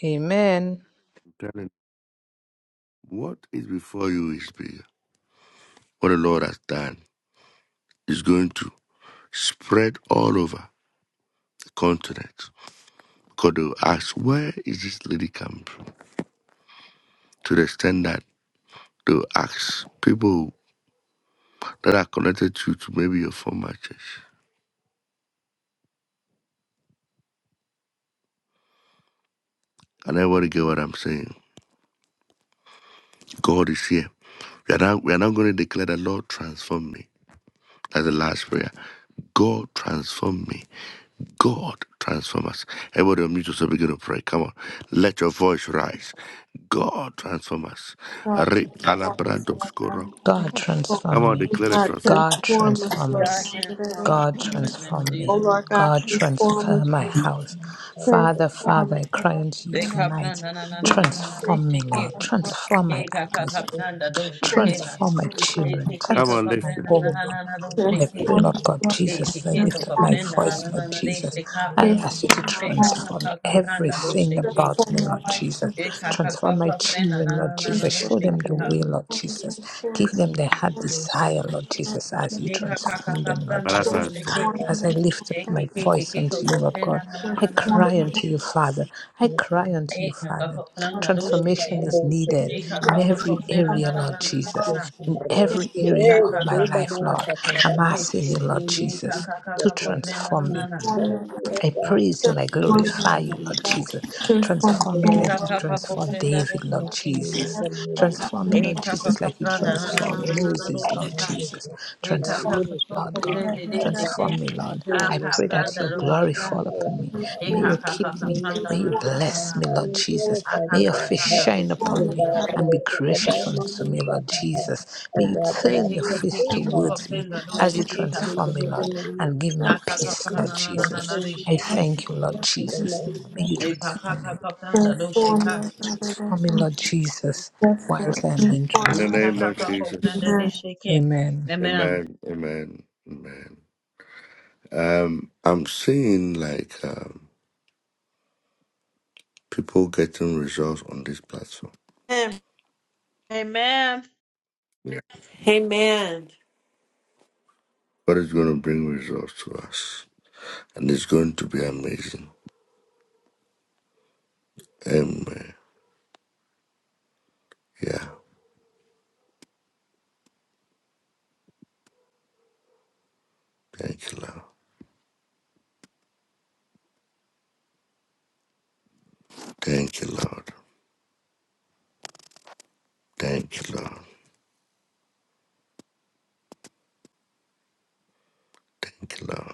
D: Amen.
E: I'm telling you, What is before you is bigger. What the Lord has done. is going to spread all over the continent. Because they'll ask, where is this lady coming from? To the extent that they'll ask people that are connected to, to maybe your former church. And everybody get what I'm saying. God is here. We are not, we are not going to declare the Lord transform me. That's the last prayer. God transform me. God transform us. Everybody on mute yourself begin to pray. Come on. Let your voice rise. God transform us.
B: God,
E: Re-
B: transform us, Lord
E: Alabrados koro.
B: God.
D: God
E: Come
D: transform
E: on,
D: me.
B: Oh
E: declare the
B: God,
E: transformation.
D: God
B: transform us,
D: transform
B: Lord
C: God
D: us.
B: God. that I
C: transform
B: don't-
C: us
D: God
C: in the mighty name of
D: transform
B: Oh
D: me.
C: Jesus.
B: Lord God,
D: God
B: transform us,
D: transform my house. Father, Father,
B: transform
D: I
B: us,
D: cry unto you
C: They ka
D: tonight.
C: pranda na na na na na na na. They
D: Transform me,
C: shake it.
D: Lord. Transform my
C: Ke ka ka
D: atmosphere.
C: ka pranda do shake
B: trans-
C: it.
D: Transform my children.
C: Eteke
E: I'm
D: Transform my
E: uplifted
C: kakaprena na
D: home,
C: na
D: Lord.
C: na na
D: Oh, I
C: dosheke.
D: pray,
B: transform
D: Lord
B: us,
D: God
B: Lord,
D: Jesus, as I
C: Eteke
D: lift up
B: transform
D: my
B: us,
C: kakaprena na
D: voice,
C: na na
D: Lord
C: na
D: Jesus.
C: desheka.
D: I ask you to
B: transform our
C: Peka
B: home,
D: transform
C: kakaprena
D: everything
C: dosheke.
D: about me,
B: transform our
D: Lord
B: life,
D: Jesus.
B: Jesus, so
C: Eka
B: that
D: Transform my
B: we can
C: kakaprena
D: children,
C: na na
D: Lord
C: na na
D: Jesus.
B: transform
D: Show them
B: that,
C: dosheke
D: the
C: ha.
D: way, Lord
B: transform, us,
D: Jesus. Give
B: transform, us,
D: them the heart
G: bless
D: desire,
G: me
D: Lord Jesus, as you
C: Peka
D: transform them, Lord
E: by
C: kakaprena
E: that
G: with
D: Jesus
E: transfer.
C: dosheke.
D: as I lift up
C: Eke
D: my
C: keke
D: voice
C: keke
D: unto
G: Please
D: you, Lord
C: kakaprena
D: God.
C: na na
D: I
C: na na na.
G: forgive
D: cry unto you,
G: me
D: Father. I
G: my
D: cry
G: sins.
D: unto you,
C: Eka
D: Father.
C: kakaprena
G: It's
D: Transformation
C: dosheke
G: a
C: ha.
D: is
G: mercy
D: needed
G: in the name of Jesus, Eka arosha,
C: Eka
D: in
G: amen.
D: every
C: kakaprena
D: area,
C: na na
D: Lord
C: na na na na
D: Jesus,
C: na.
G: Yes, God.
D: in every
G: Roshi,
D: area
G: eh,
C: Eka
D: of my
G: Wando Baba
D: life,
G: na
D: Lord.
C: kakaprena
G: Shakanta.
D: I'm
C: dosheke.
D: asking
G: In
D: you,
G: the
D: Lord
G: name of
C: Eka
D: Jesus,
G: Jesus, O
D: to
G: God.
C: kakaprena na
D: transform me
C: na na.
G: Transform me, O
D: I
G: God.
D: praise you and I
G: In the
D: glorify
G: name
D: you,
G: of
D: Lord Jesus.
G: Jesus, I
B: transform our
D: Transform
G: pray
D: me
G: that
D: like
C: Eka
B: Lord
D: you
G: I
B: God,
G: might be
D: transform
C: kakaprena
D: David, Lord
G: transformed
C: dosheke.
G: in
D: Jesus.
G: the name of
D: Transform me, Lord
C: Eka
G: Jesus.
C: pa
D: Jesus, like you
C: kapranda
G: O
C: na na
G: God,
C: na
D: transform
C: na
G: every
C: na na
G: area
D: Moses,
G: of
D: Lord
G: my
C: rosheka.
G: life,
D: Jesus.
G: God,
C: Eka ka
D: Transform me,
C: Hey, ka
G: ministry,
C: ka
D: Lord God.
G: business,
C: kopende de
G: O God.
C: seke.
D: Transform me, Lord.
C: A
D: I
G: Yes,
D: pray
G: God.
D: that
C: kapranda
D: your
G: Yes,
D: glory
G: God.
C: rosheka.
D: fall
G: I
D: upon
G: like
D: me.
G: that.
D: May
C: Eka
D: you
C: ka
G: In
D: keep
G: the
C: Hey,
D: me.
G: name of
C: ka kapranda
D: May
C: na
D: you
C: na
G: Jesus,
C: na
G: and
C: na
D: bless
C: na.
G: I'm
D: me, Lord
G: I'm
D: Jesus.
C: A
G: glorified
C: ka
D: May
G: with
D: your
G: that
D: face
C: kapranda
G: heart.
D: shine
G: Oh
D: upon me
C: rosheka.
G: God, I
D: and be
G: like that. I
D: gracious
G: don't mind
D: unto
G: them
D: me,
G: shut
D: Lord
G: my heart.
D: Jesus. May
G: Oh
D: you
G: God, that I
D: turn
C: Eke
D: your
G: be a
C: ke ke
D: face
G: good
C: ke ka
G: God
D: towards me
C: kopenda
D: as you
G: unto the
C: rosheka.
D: transform
G: kingdom
D: me,
G: in the
D: Lord,
G: name of
D: and give
C: A
D: me
C: ka
G: Jesus.
D: peace,
C: kapranda
D: Lord
C: na na
G: And
C: na
D: Jesus.
C: na de
G: thank you,
D: I
G: God,
C: seke.
D: thank you, Lord
G: in the
D: Jesus.
G: name of
D: May you
G: Jesus.
C: Eka ka
D: transform
C: ka
D: me.
C: kapranda
B: transform,
C: rosheka.
B: Lord God, that I
D: Transform me,
B: don't
D: Lord Jesus,
B: transform,
D: whilst I am being
B: Lord
E: In the
D: transformed,
C: Eka
E: name
C: ka
E: of
D: Lord.
C: ka
E: Jesus.
C: kopenda de seke.
D: Amen.
C: Amen.
E: Amen. Amen. Amen. Um, I'm seeing like um, people getting results on this platform.
B: Amen.
C: Amen.
E: Yeah.
F: Amen.
E: God is going to bring results to us, and it's going to be amazing. Amen. Yeah. Thank you, Lord. Thank you, Lord. Thank you, Lord. Thank you, Lord.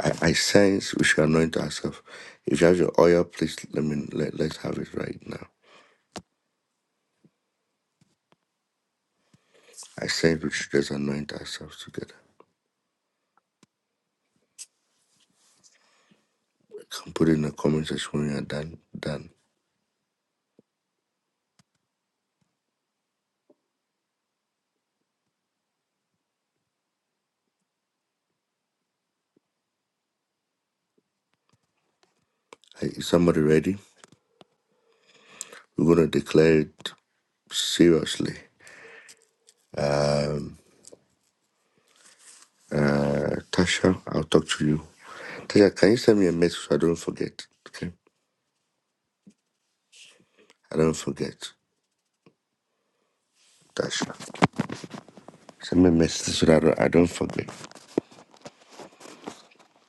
E: I, I sense we should anoint ourselves. If you have your oil, please let me let, let's have it right now. I sense we should just anoint ourselves together. can put it in the comment section when you're done. Done. Hey, is somebody ready? We're gonna declare it seriously. Um, uh, Tasha, I'll talk to you. Tasha, can you send me a message so I don't forget? Okay, I don't forget. Tasha, send me a message so that I don't, I don't forget.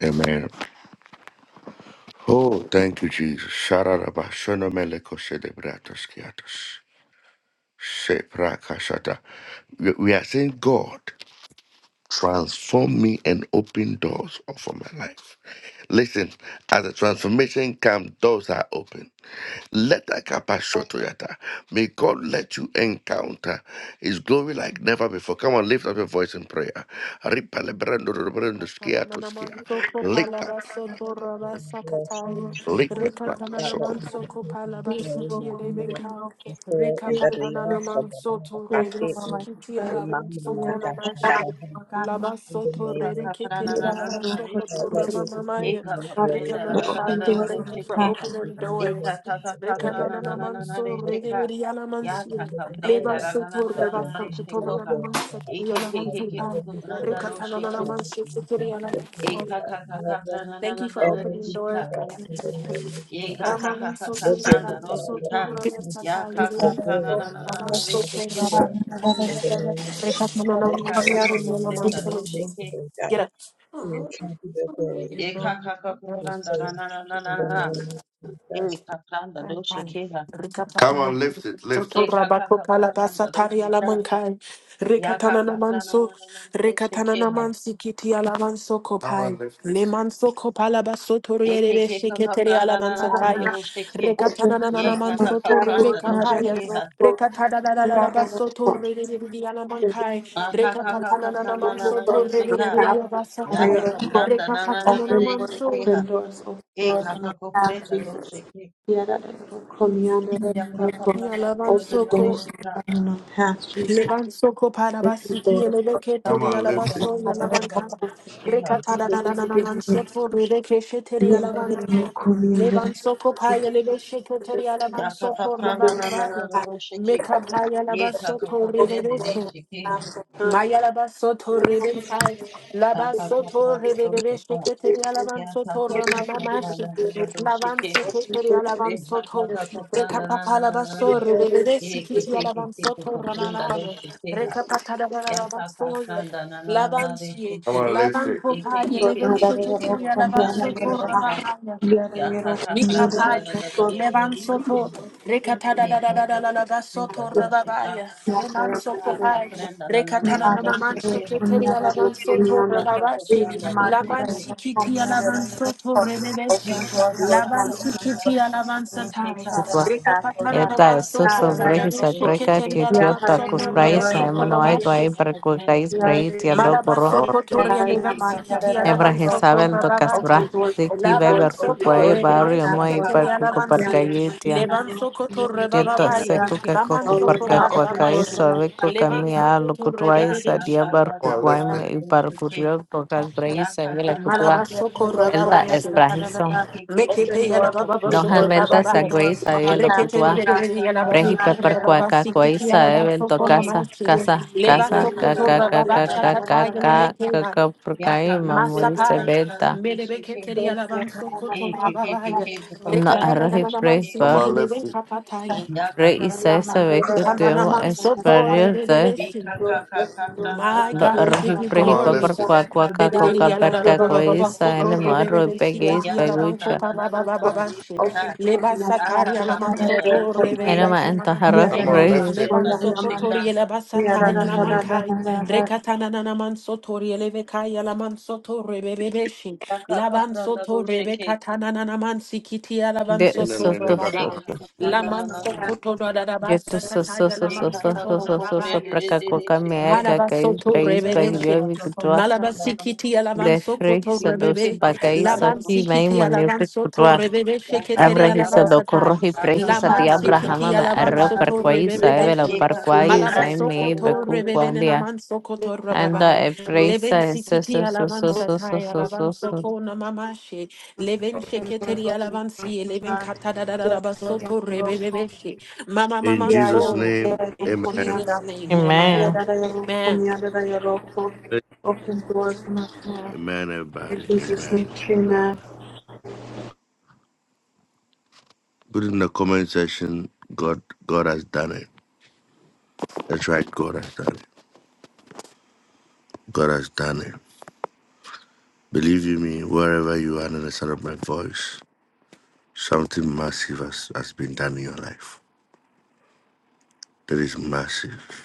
E: Amen. Oh, thank you, Jesus. Shararaba, shonomeleko shedebratos kiatos. Sheprakashata. We we are saying God. transform me and open doors for my life. Listen, as the transformation comes, doors are open. Let that kappa shotoyata. May God let you encounter His glory like never before. Come on, lift up your voice in prayer. Ripa lebrando lebrando skia to skia.
F: Rikatananamanso
E: Lick up,
F: palabas
G: Bless you,
F: torabasakatai.
B: Lord
G: my
E: lick
G: God.
B: God,
E: up, lick up,
G: God, let
E: soko.
G: me
F: Rikatananamanso
G: be taken away,
F: palabasiti
G: my mother,
F: elevenkai.
G: before and that they ask of the
F: Rikapatananamanso
G: Lord, I fit in.
F: torebesiki
G: In my
F: tielavenso
G: mind, I shall
F: konamashi.
G: cover in the
F: Labasoto
G: name of Jesus.
F: Rerekiri
B: that
F: Labasoto
G: Lord, let
C: Kakakatanananananarishiki.
G: your come
F: Ramamaya.
G: to your glory by
F: Rekanana
G: Father
F: Father, I
G: before
F: thank you
G: us,
F: for
C: Yekakaprendararararararishikika.
G: in
F: opening
G: the name of
F: doors.
G: Jesus, Lord, let
F: Rekanana
G: your come to
F: Manso
G: glory
C: Ikakakakatanananananarishika.
F: Regiri
G: as
F: Alamansi.
G: never
C: pranda
G: before,
C: na
F: Lebasoto
G: let your
F: Rebasoto
G: come to glory,
F: Tomanamansat
G: God, as never
F: Yalamansi.
G: before,
F: Rekatanana
G: never
F: Mansi
G: come
F: Sikiri
G: back to your glory,
F: Alamansi.
G: Lord, never,
F: Thank you for
G: ever
F: opening doors,
G: before,
F: God.
G: in the name of Jesus.
F: Ramon
G: Your
F: Sotoria
G: glory,
F: Ram
G: God, let me
F: Sotora
G: encounter your
F: Sataizin,
G: glory, God,
F: Avan
G: like never
F: Sote Ravan
G: before,
F: Satai,
G: in the name of
F: Rekatamanam
G: Jesus. We
F: Sotoria
G: want encounter your
F: Naman
G: glory, God,
F: Get
G: we encounter your
C: na
G: glory, and
F: up.
G: so,
C: na na
G: in
C: na
G: the
C: na.
G: name
C: Ekakanda doshekeha.
E: Come
F: Rikapatana
E: on, lift it, lift
F: Soto
E: it.
F: Rabako Palabasa
C: Ekakakakapanda
F: Tariala
C: dosheka.
F: Mankai Rikatana
C: Yakakapana
F: Namanso
C: nanana
F: Rikatana
C: deshekeha.
F: Namansi Kiti Alamanso
E: Come on,
F: Kopai
E: lift it.
F: Lemanso Kopalabaso Torebe Shiketeri
C: Ekekekakapana nanana
F: Alamansataya
C: dosheke.
F: Rikatana Nanamanso
B: I
F: Torebe
C: Yekakakapanda
F: Kapaya
C: doshekeha.
F: Rekatana
B: am
F: Nanabaso Torebe
B: both.
F: Alamankai Rekatana
C: Akakakakapana
B: Open
C: nanana
F: Nanamanso
B: doors and
F: Torebe
C: desheka.
B: unpack this Saturday at
F: Alabasatai
B: our path to carry it forth.
C: Yakakapanda
F: Rekatana
C: nanana
B: Open doors,
F: Namanso
B: open
C: deshekeha.
B: doors, open doors on our path,
C: Ekakakopanda
B: Jesus.
C: dosheke.
B: Yeah, that is what come here, that is what come.
C: Yakakapana
B: Open
C: nanana
F: Yalavanso
B: doors
C: desheka.
B: and our Jesus.
F: Levan soko para
B: Open
F: basiti
B: doors.
F: eleve ke
E: Come
F: turi
E: on,
F: alaban
E: lift
C: Kakapanda
E: it.
F: so
B: God, that
C: nanana
F: yalaban
B: is what come
F: kara. Reka
B: here,
C: doshekeha.
F: tada da da da
B: that
F: da
B: is
F: man
B: what come.
F: shefu rebe ke sheteri alaban tiyo. Levan soko pa eleve sheketeri alaban soko
C: Yakakapana
F: raban abaya.
C: nanana dosheke.
F: Meka pa yalaban
C: Ye ta ka
F: soko
C: ko prende de
F: rebe
C: shi ke ha.
F: Mayalaba soto rebentai,
C: Ta
F: laba
C: ta ta
F: soto
C: ta na do
F: rebebebe
C: shi ka.
F: sheketeri alaban
C: Ya ta
F: soto
C: ta ta
F: ramama
C: ta ta
F: mashi,
C: na do na do shi
F: laban
C: ke ha.
F: siketeri alaban
C: E ta ta
F: soto,
C: ta ta ta na na
F: rekapapa
C: na na
F: laba
C: na
F: so
C: na.
F: rebebebe
C: Ye ke
F: sikiti
C: ke ke
F: alaban
C: ke ko
F: soto
C: ko prenda do
F: ramanaye,
C: shi ke ha.
F: rekapata laba
C: Ya
F: alaban
C: ka ka
F: soye,
C: ta na na na na na
F: laban
C: de shi
F: siye,
E: Come
C: ke.
E: on, lift
F: laban
E: it.
C: E ke ke
F: popaye,
B: Lord
C: ke
F: leben
B: God,
C: ke
B: that
C: ke
B: is
C: ke
F: sheketeri
C: ko
B: what come
C: ko
F: alaban
B: here,
C: prenda
B: that
C: do
F: soto
B: is what
C: shi
B: come.
C: ka.
F: ramanaye,
B: Yeah, that
C: Ya
B: is
C: ka
B: what
C: ka
B: come here,
C: prenda
B: that
F: Mikapai,
C: da
B: is
C: da
B: what
C: da da
B: come.
C: da
F: Levan
C: do shi
B: Open
C: ke
F: Soto,
C: ha.
B: doors, open doors, open
F: Rekatana
C: Ye
F: da
B: doors.
F: da
C: ka
F: da da
C: ka
F: da
C: ko
F: da da
C: ko prenda
F: Soto
C: do
B: Open
C: shi ka.
F: Rababaya, Levan Soto
C: Ta ta
F: Pai,
C: prenda na na na
F: Rekatana
C: na
F: na
C: de
F: na man
C: shi ke
F: Shikiteri Alavan
C: Yeah,
F: Soto Rababashi, Laban Sikiti Alavan Soto Rebebeshi,
B: doors,
F: Laban
B: Lord,
F: Sikiti Alavan Satai, Rekapatana na
A: Eta
F: man
A: esto
F: Soto
A: sobre que se
F: Rebebeshi
A: atraca
F: Kiteri
A: que tío
F: Alavan
A: tacos
F: Soto
B: open
A: praise.
F: Rabasoto
A: Emmanuel
B: doors.
A: guay
F: Nomashi,
A: barco guys
B: Open
A: praise. tío,
B: doors,
E: Come
B: open
E: on,
F: Malabasopo Toria Levan Sikiti
A: Hebra
F: Alavan Sopo
A: Jezabel do
F: Rabavanchi.
A: Casbra, Ziki
B: doors,
F: Lavan
A: Weber
B: open
F: Sopo
A: Kukwai
B: doors from our
F: Rebebe
A: Barrio
B: past,
A: Moi
B: Lord
F: Sheketeri
B: God.
A: Parkuko
F: Alavansi.
A: Parkayitia,
F: Levan Soko to
A: Jeta
F: Rebabaya.
A: Sekuka
F: Laman
B: Oh
A: Koko
B: Lord
F: Soko
A: Parka
B: God, open
A: Kwakai
B: doors
F: Madamasi.
B: from
A: Sabe Kuka
F: Levan
B: our
A: Mia
F: Soko to
A: Lukutwai Sadia
F: Rebebeshi.
E: come on,
A: Barkukwai
E: lift
B: past.
E: it.
A: Me Parkurio
B: Open
A: do Casbrai
B: doors,
A: Sabela
B: open
A: Kutwa,
F: Malabasoko
A: Elda
F: Rababashi.
A: Esprahiso,
F: Mekepe Yalababa
A: Dohan
F: Soki
B: doors,
A: Venta
B: open
F: Ababa.
A: Saguai
B: doors on my
A: Sadio
B: path,
A: Lokutwa,
B: Lord God.
F: Reketeri
C: Yakaka
A: Brehi
B: Me out
F: Yalabasuki
B: of
A: Pepper
B: there, Lord,
A: Kwaka
B: from
F: Rababasi
B: the
A: Kwai
B: end
F: Kiki
B: of the
F: Alavan
B: road,
A: Saebel do
F: Soko
B: Lord.
A: Casa,
F: Nomasi.
B: Me, me,
A: Casa,
B: me,
F: Leva
B: me,
A: Casa,
B: me,
F: Sopo to
B: me,
A: Kaka
B: my dear,
A: Kaka
B: my
C: prenda
F: Rababasha
C: do
B: God,
A: Kaka
B: my
F: Tataya
B: God,
C: shika,
B: my
A: Kaka
B: God.
F: Nemekea.
A: Kaka
B: Me out of there,
A: Purkai
B: Lord,
C: yakaka
B: from the end of the
C: prenda
B: road,
F: Masapai,
B: Lord.
A: Mamui
F: Melebeketeri
B: doors, Lord,
F: Alabanso
B: on my path, Lord God,
F: Kotorababaya,
B: in the
A: να
B: road,
A: arrojes
F: Rekatamanaman
A: pre
E: Come
A: par
F: City,
E: on,
B: Lord.
E: lift
F: Leven
E: it.
F: Kapataya,
A: pre y sai sabe que temo
F: Itamanaman Soto
A: esperar de
F: Rebebeshi, my
A: lo
F: God, we give
A: arrojes
F: you
A: pre
E: Come
A: y
E: on,
F: glory.
A: papar
E: lift it.
A: qua qua ca co ca per ca co y sa en ma ro pegue y pegucha en el ma en ta arrojes
E: Come on,
A: pre
E: lift it.
C: do shike,
A: de
E: In the
A: eso
E: name
A: to
E: of God.
A: soto
C: Ekakaprandanana,
A: yo to so so so so so so so so so pra
F: Lamanso
A: ca co ca me
C: ekakakokopredededesheke,
A: ca ca y
F: Malabasoto
A: pre y pegue
F: rebebeshe.
A: yo vi que tu
C: akakakokoprandanana,
F: Malabasikiti
A: de free
F: alavansokoto
A: sa dos
F: rebebe.
A: bagay sa ki mai
C: ekekekakoprandadosheke,
F: Labansikiti
A: mo
F: alavansoto
A: ne
F: rebebeshe keteri
A: Abrahisa
C: yakakakakra,
A: do
F: alavansatai.
A: corrohi prehisa di
F: Lamansikiti
A: Abrahama ma
C: akakaprandananana,
A: arro
F: alavansoto
A: parquaisa evela
F: rebebeshe.
A: parquaisa e me
C: ekakakakrandananana,
F: Malabasokoto
A: becu
F: rebebene
C: dosheka.
A: quandia
F: namansokoto
A: anda
F: rababai.
A: e prehisa e so
F: Levensikiti
A: so so so so so
F: alavansatai
A: so so so.
F: alavansoko namamashe. Leven sheketeri alavansi. Leven
B: Yes,
F: katadadadabasoto
B: Lord,
F: rebebeshe. Mama
E: In
B: Yeah,
E: Jesus'
B: yeah,
F: mamanso.
E: name,
B: yeah,
F: In
E: amen.
B: Kumianda.
F: Jesus' name,
C: Amen.
B: Yeah,
A: Amen.
F: amen.
B: that I will
F: Amen.
B: Kumianda, that I will open doors for my soul.
E: Amen,
B: In
E: everybody.
B: Jesus' name,
E: Amen.
B: amen.
E: Amen. Put in the comment section, God God has done it. That's right, God has done it. God has done it. Believe you me, wherever you are in the sound of my voice, something massive has, has been done in your life. That is massive.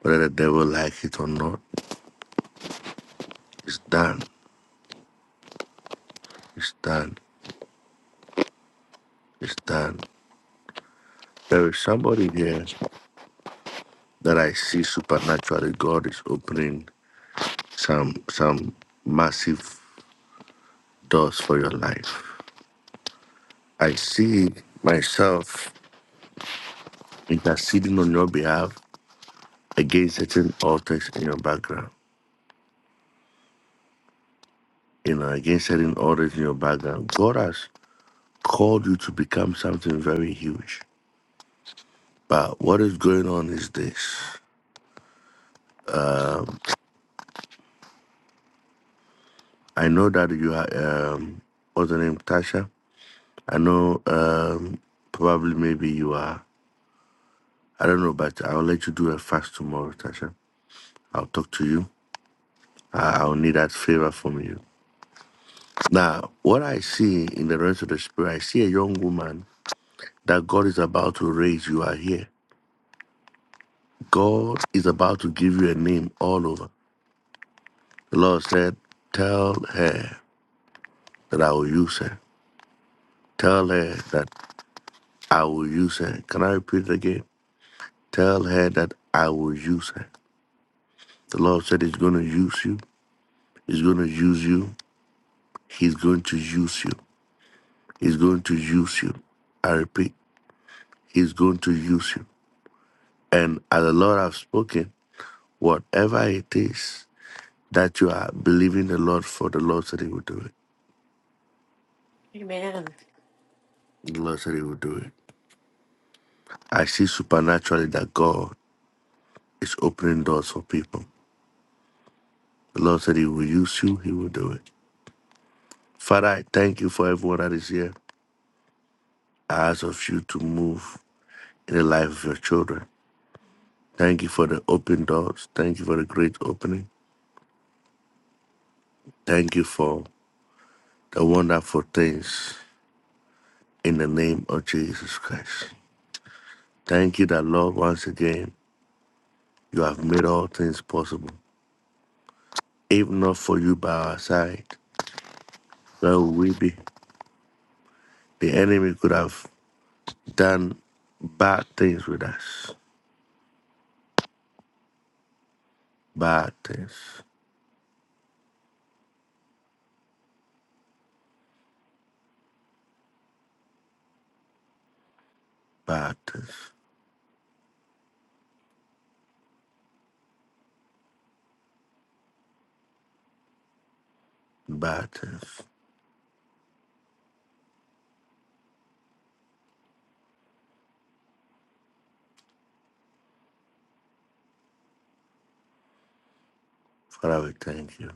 E: Whether the devil like it or not, it's done. It's done. It's done. There is somebody here that I see supernaturally. God is opening. some some massive doors for your life. I see myself interceding on your behalf against certain altars in your background. You know, against certain altars in your background. God has called you to become something very huge. But what is going on is this. I know that you are um what's her name, Tasha? I know um probably maybe you are I don't know, but I'll let you do a fast tomorrow, Tasha. I'll talk to you Ah, I- will need that favor from you. Now, what I see in the realms of the spirit, I see a young woman that God is about to raise. You are here. God is about to give you a name all over. The Lord said, Tell her that I will use her. Tell her that I will use her. Can I repeat it again? Tell her that I will use her. The Lord said, He's going to use you. He's going to use you. He's going to use you. He's going to use you. I repeat, He's going to use you. And as the Lord have spoken, whatever it is that you are believing the Lord for, the Lord said He will do
F: Amen.
E: it. The Lord said He will do it. I see supernaturally that God is opening doors for people. The Lord said He will use you, He will do it. Father, I thank you for everyone that is here. I ask of you to move in the life of your children. Thank you for the open doors. Thank you for the great opening. Thank you for the wonderful things in the name of Jesus Christ. Thank you that, Lord, once again. You have made all things possible. If not for you by our side, where would we be? The enemy could have done bad things with us. Bad things, bad things, bad things. Father, we thank you.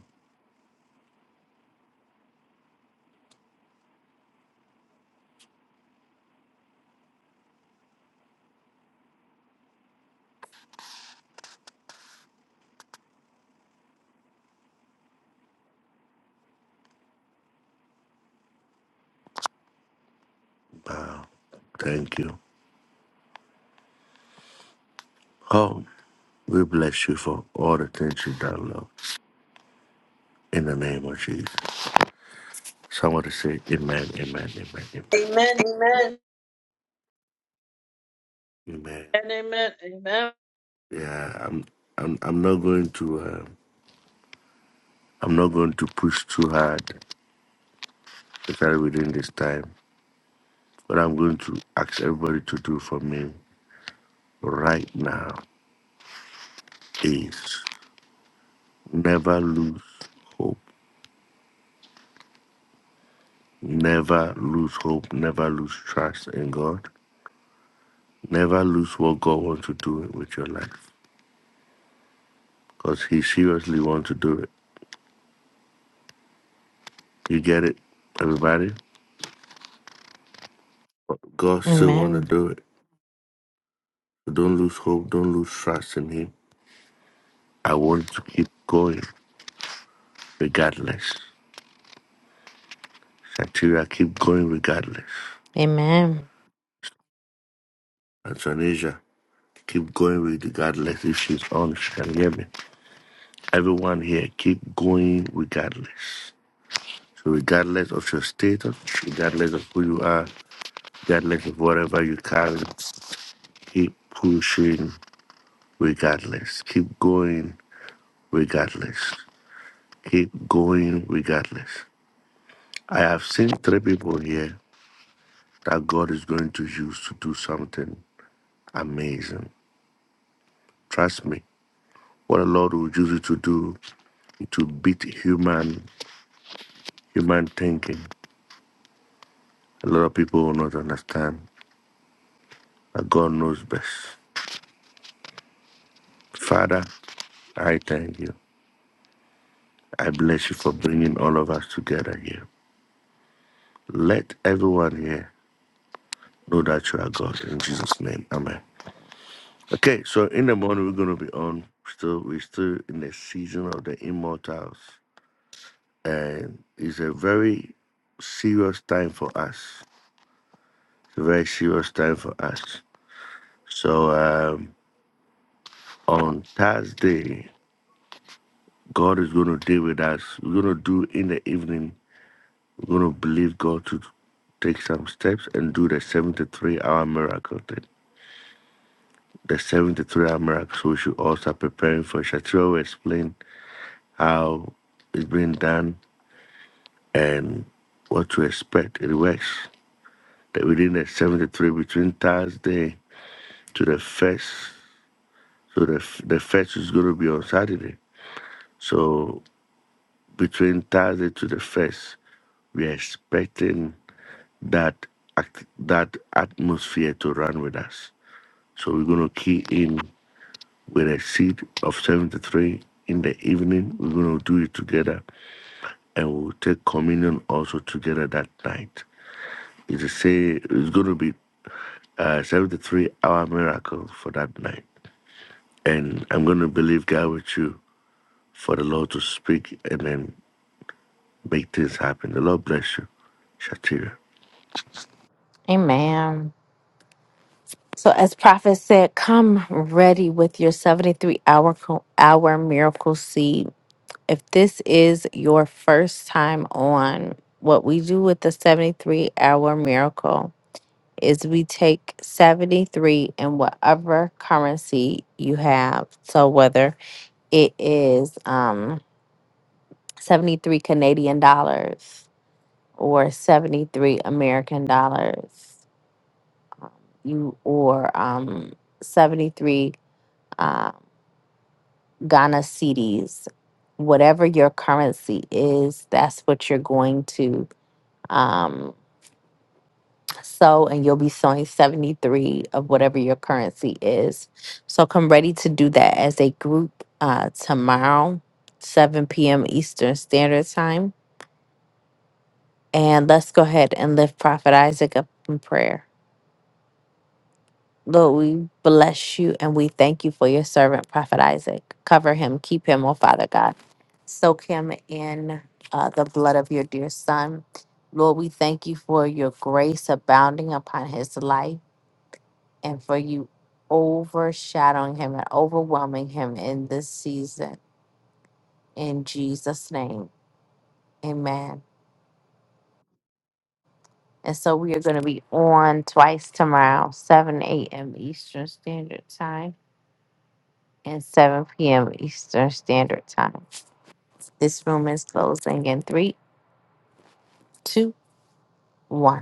E: Thank you. Oh, we bless you for all the things you've done, Lord. In the name of Jesus. Somebody say amen, amen, amen, amen.
B: Amen, amen.
E: Amen.
C: And amen. Amen.
E: Yeah, I'm I'm I'm not going to uh, I'm not going to push too hard, especially within this time. What I'm going to ask everybody to do for me right now is never lose hope. Never lose hope. Never lose trust in God. Never lose what God wants to do with your life. Because He seriously wants to do it. You get it, everybody? But God still want to
A: Amen.
E: do it. So don't lose hope. Don't lose trust in Him. I want to keep going regardless. Satiria, keep going regardless.
A: Amen.
E: Antonasia, Keep going regardless. If she's on, she can hear me. Everyone here, keep going regardless. So regardless of your status, regardless of who you are, regardless of whatever you carry, keep pushing regardless. Keep going regardless. Keep going regardless. I have seen three people here that God is going to use to do something amazing. Trust me. What the Lord will use you to do to beat human human thinking. A lot of people will not understand, but God knows best. Father, I thank you. I bless you for bringing all of us together here. Let everyone here know that you are God in Jesus' name. Amen. Okay, so in the morning we're gonna be on. Still, we're still in the season of the immortals, and it's a very serious time for us. It's a very serious time for us. So um, on Thursday. God is going to deal with us. We're going to do in the evening, we're going to believe God to take some steps and do the 73 hour miracle thing. The 73 hour miracle. So we should all start preparing for it. Shatira will explain how it's being done and what to expect. It works that within the 73 between Thursday to the first. So the, f- the first is going to be on Saturday. So between Thursday to the first, we are expecting. that act, that atmosphere to run with us. So we're going to key in with a seed of 73 in the evening. We're going to do it together and we'll take communion also together that night. It's, a say, it's going to be a 73 hour miracle for that night. And I'm going to believe God with you for the Lord to speak and then make things happen. The Lord bless you. Shatira.
A: Amen. So as prophet said, come ready with your 73 hour co- hour miracle seed. If this is your first time on what we do with the 73 hour miracle, is we take 73 in whatever currency you have. So whether it is um 73 Canadian dollars or 73 American dollars, um, you or um 73 uh, Ghana cedis, whatever your currency is, that's what you're going to um, sow and you'll be sowing 73 of whatever your currency is. So come ready to do that as a group uh, tomorrow, 7 p.m. Eastern Standard Time. And let's go ahead and lift Prophet Isaac up in prayer. Lord, we bless you and we thank you for your servant, Prophet Isaac. Cover him, keep him, oh Father God. Soak him in uh, the blood of your dear son. Lord, we thank you for your grace abounding upon his life. and for you overshadowing him and overwhelming him in this season. In Jesus' name, amen. And so we are going to be on twice tomorrow, 7 a.m. Eastern Standard Time and 7 p.m. Eastern Standard Time. This room is closing in three, two, one.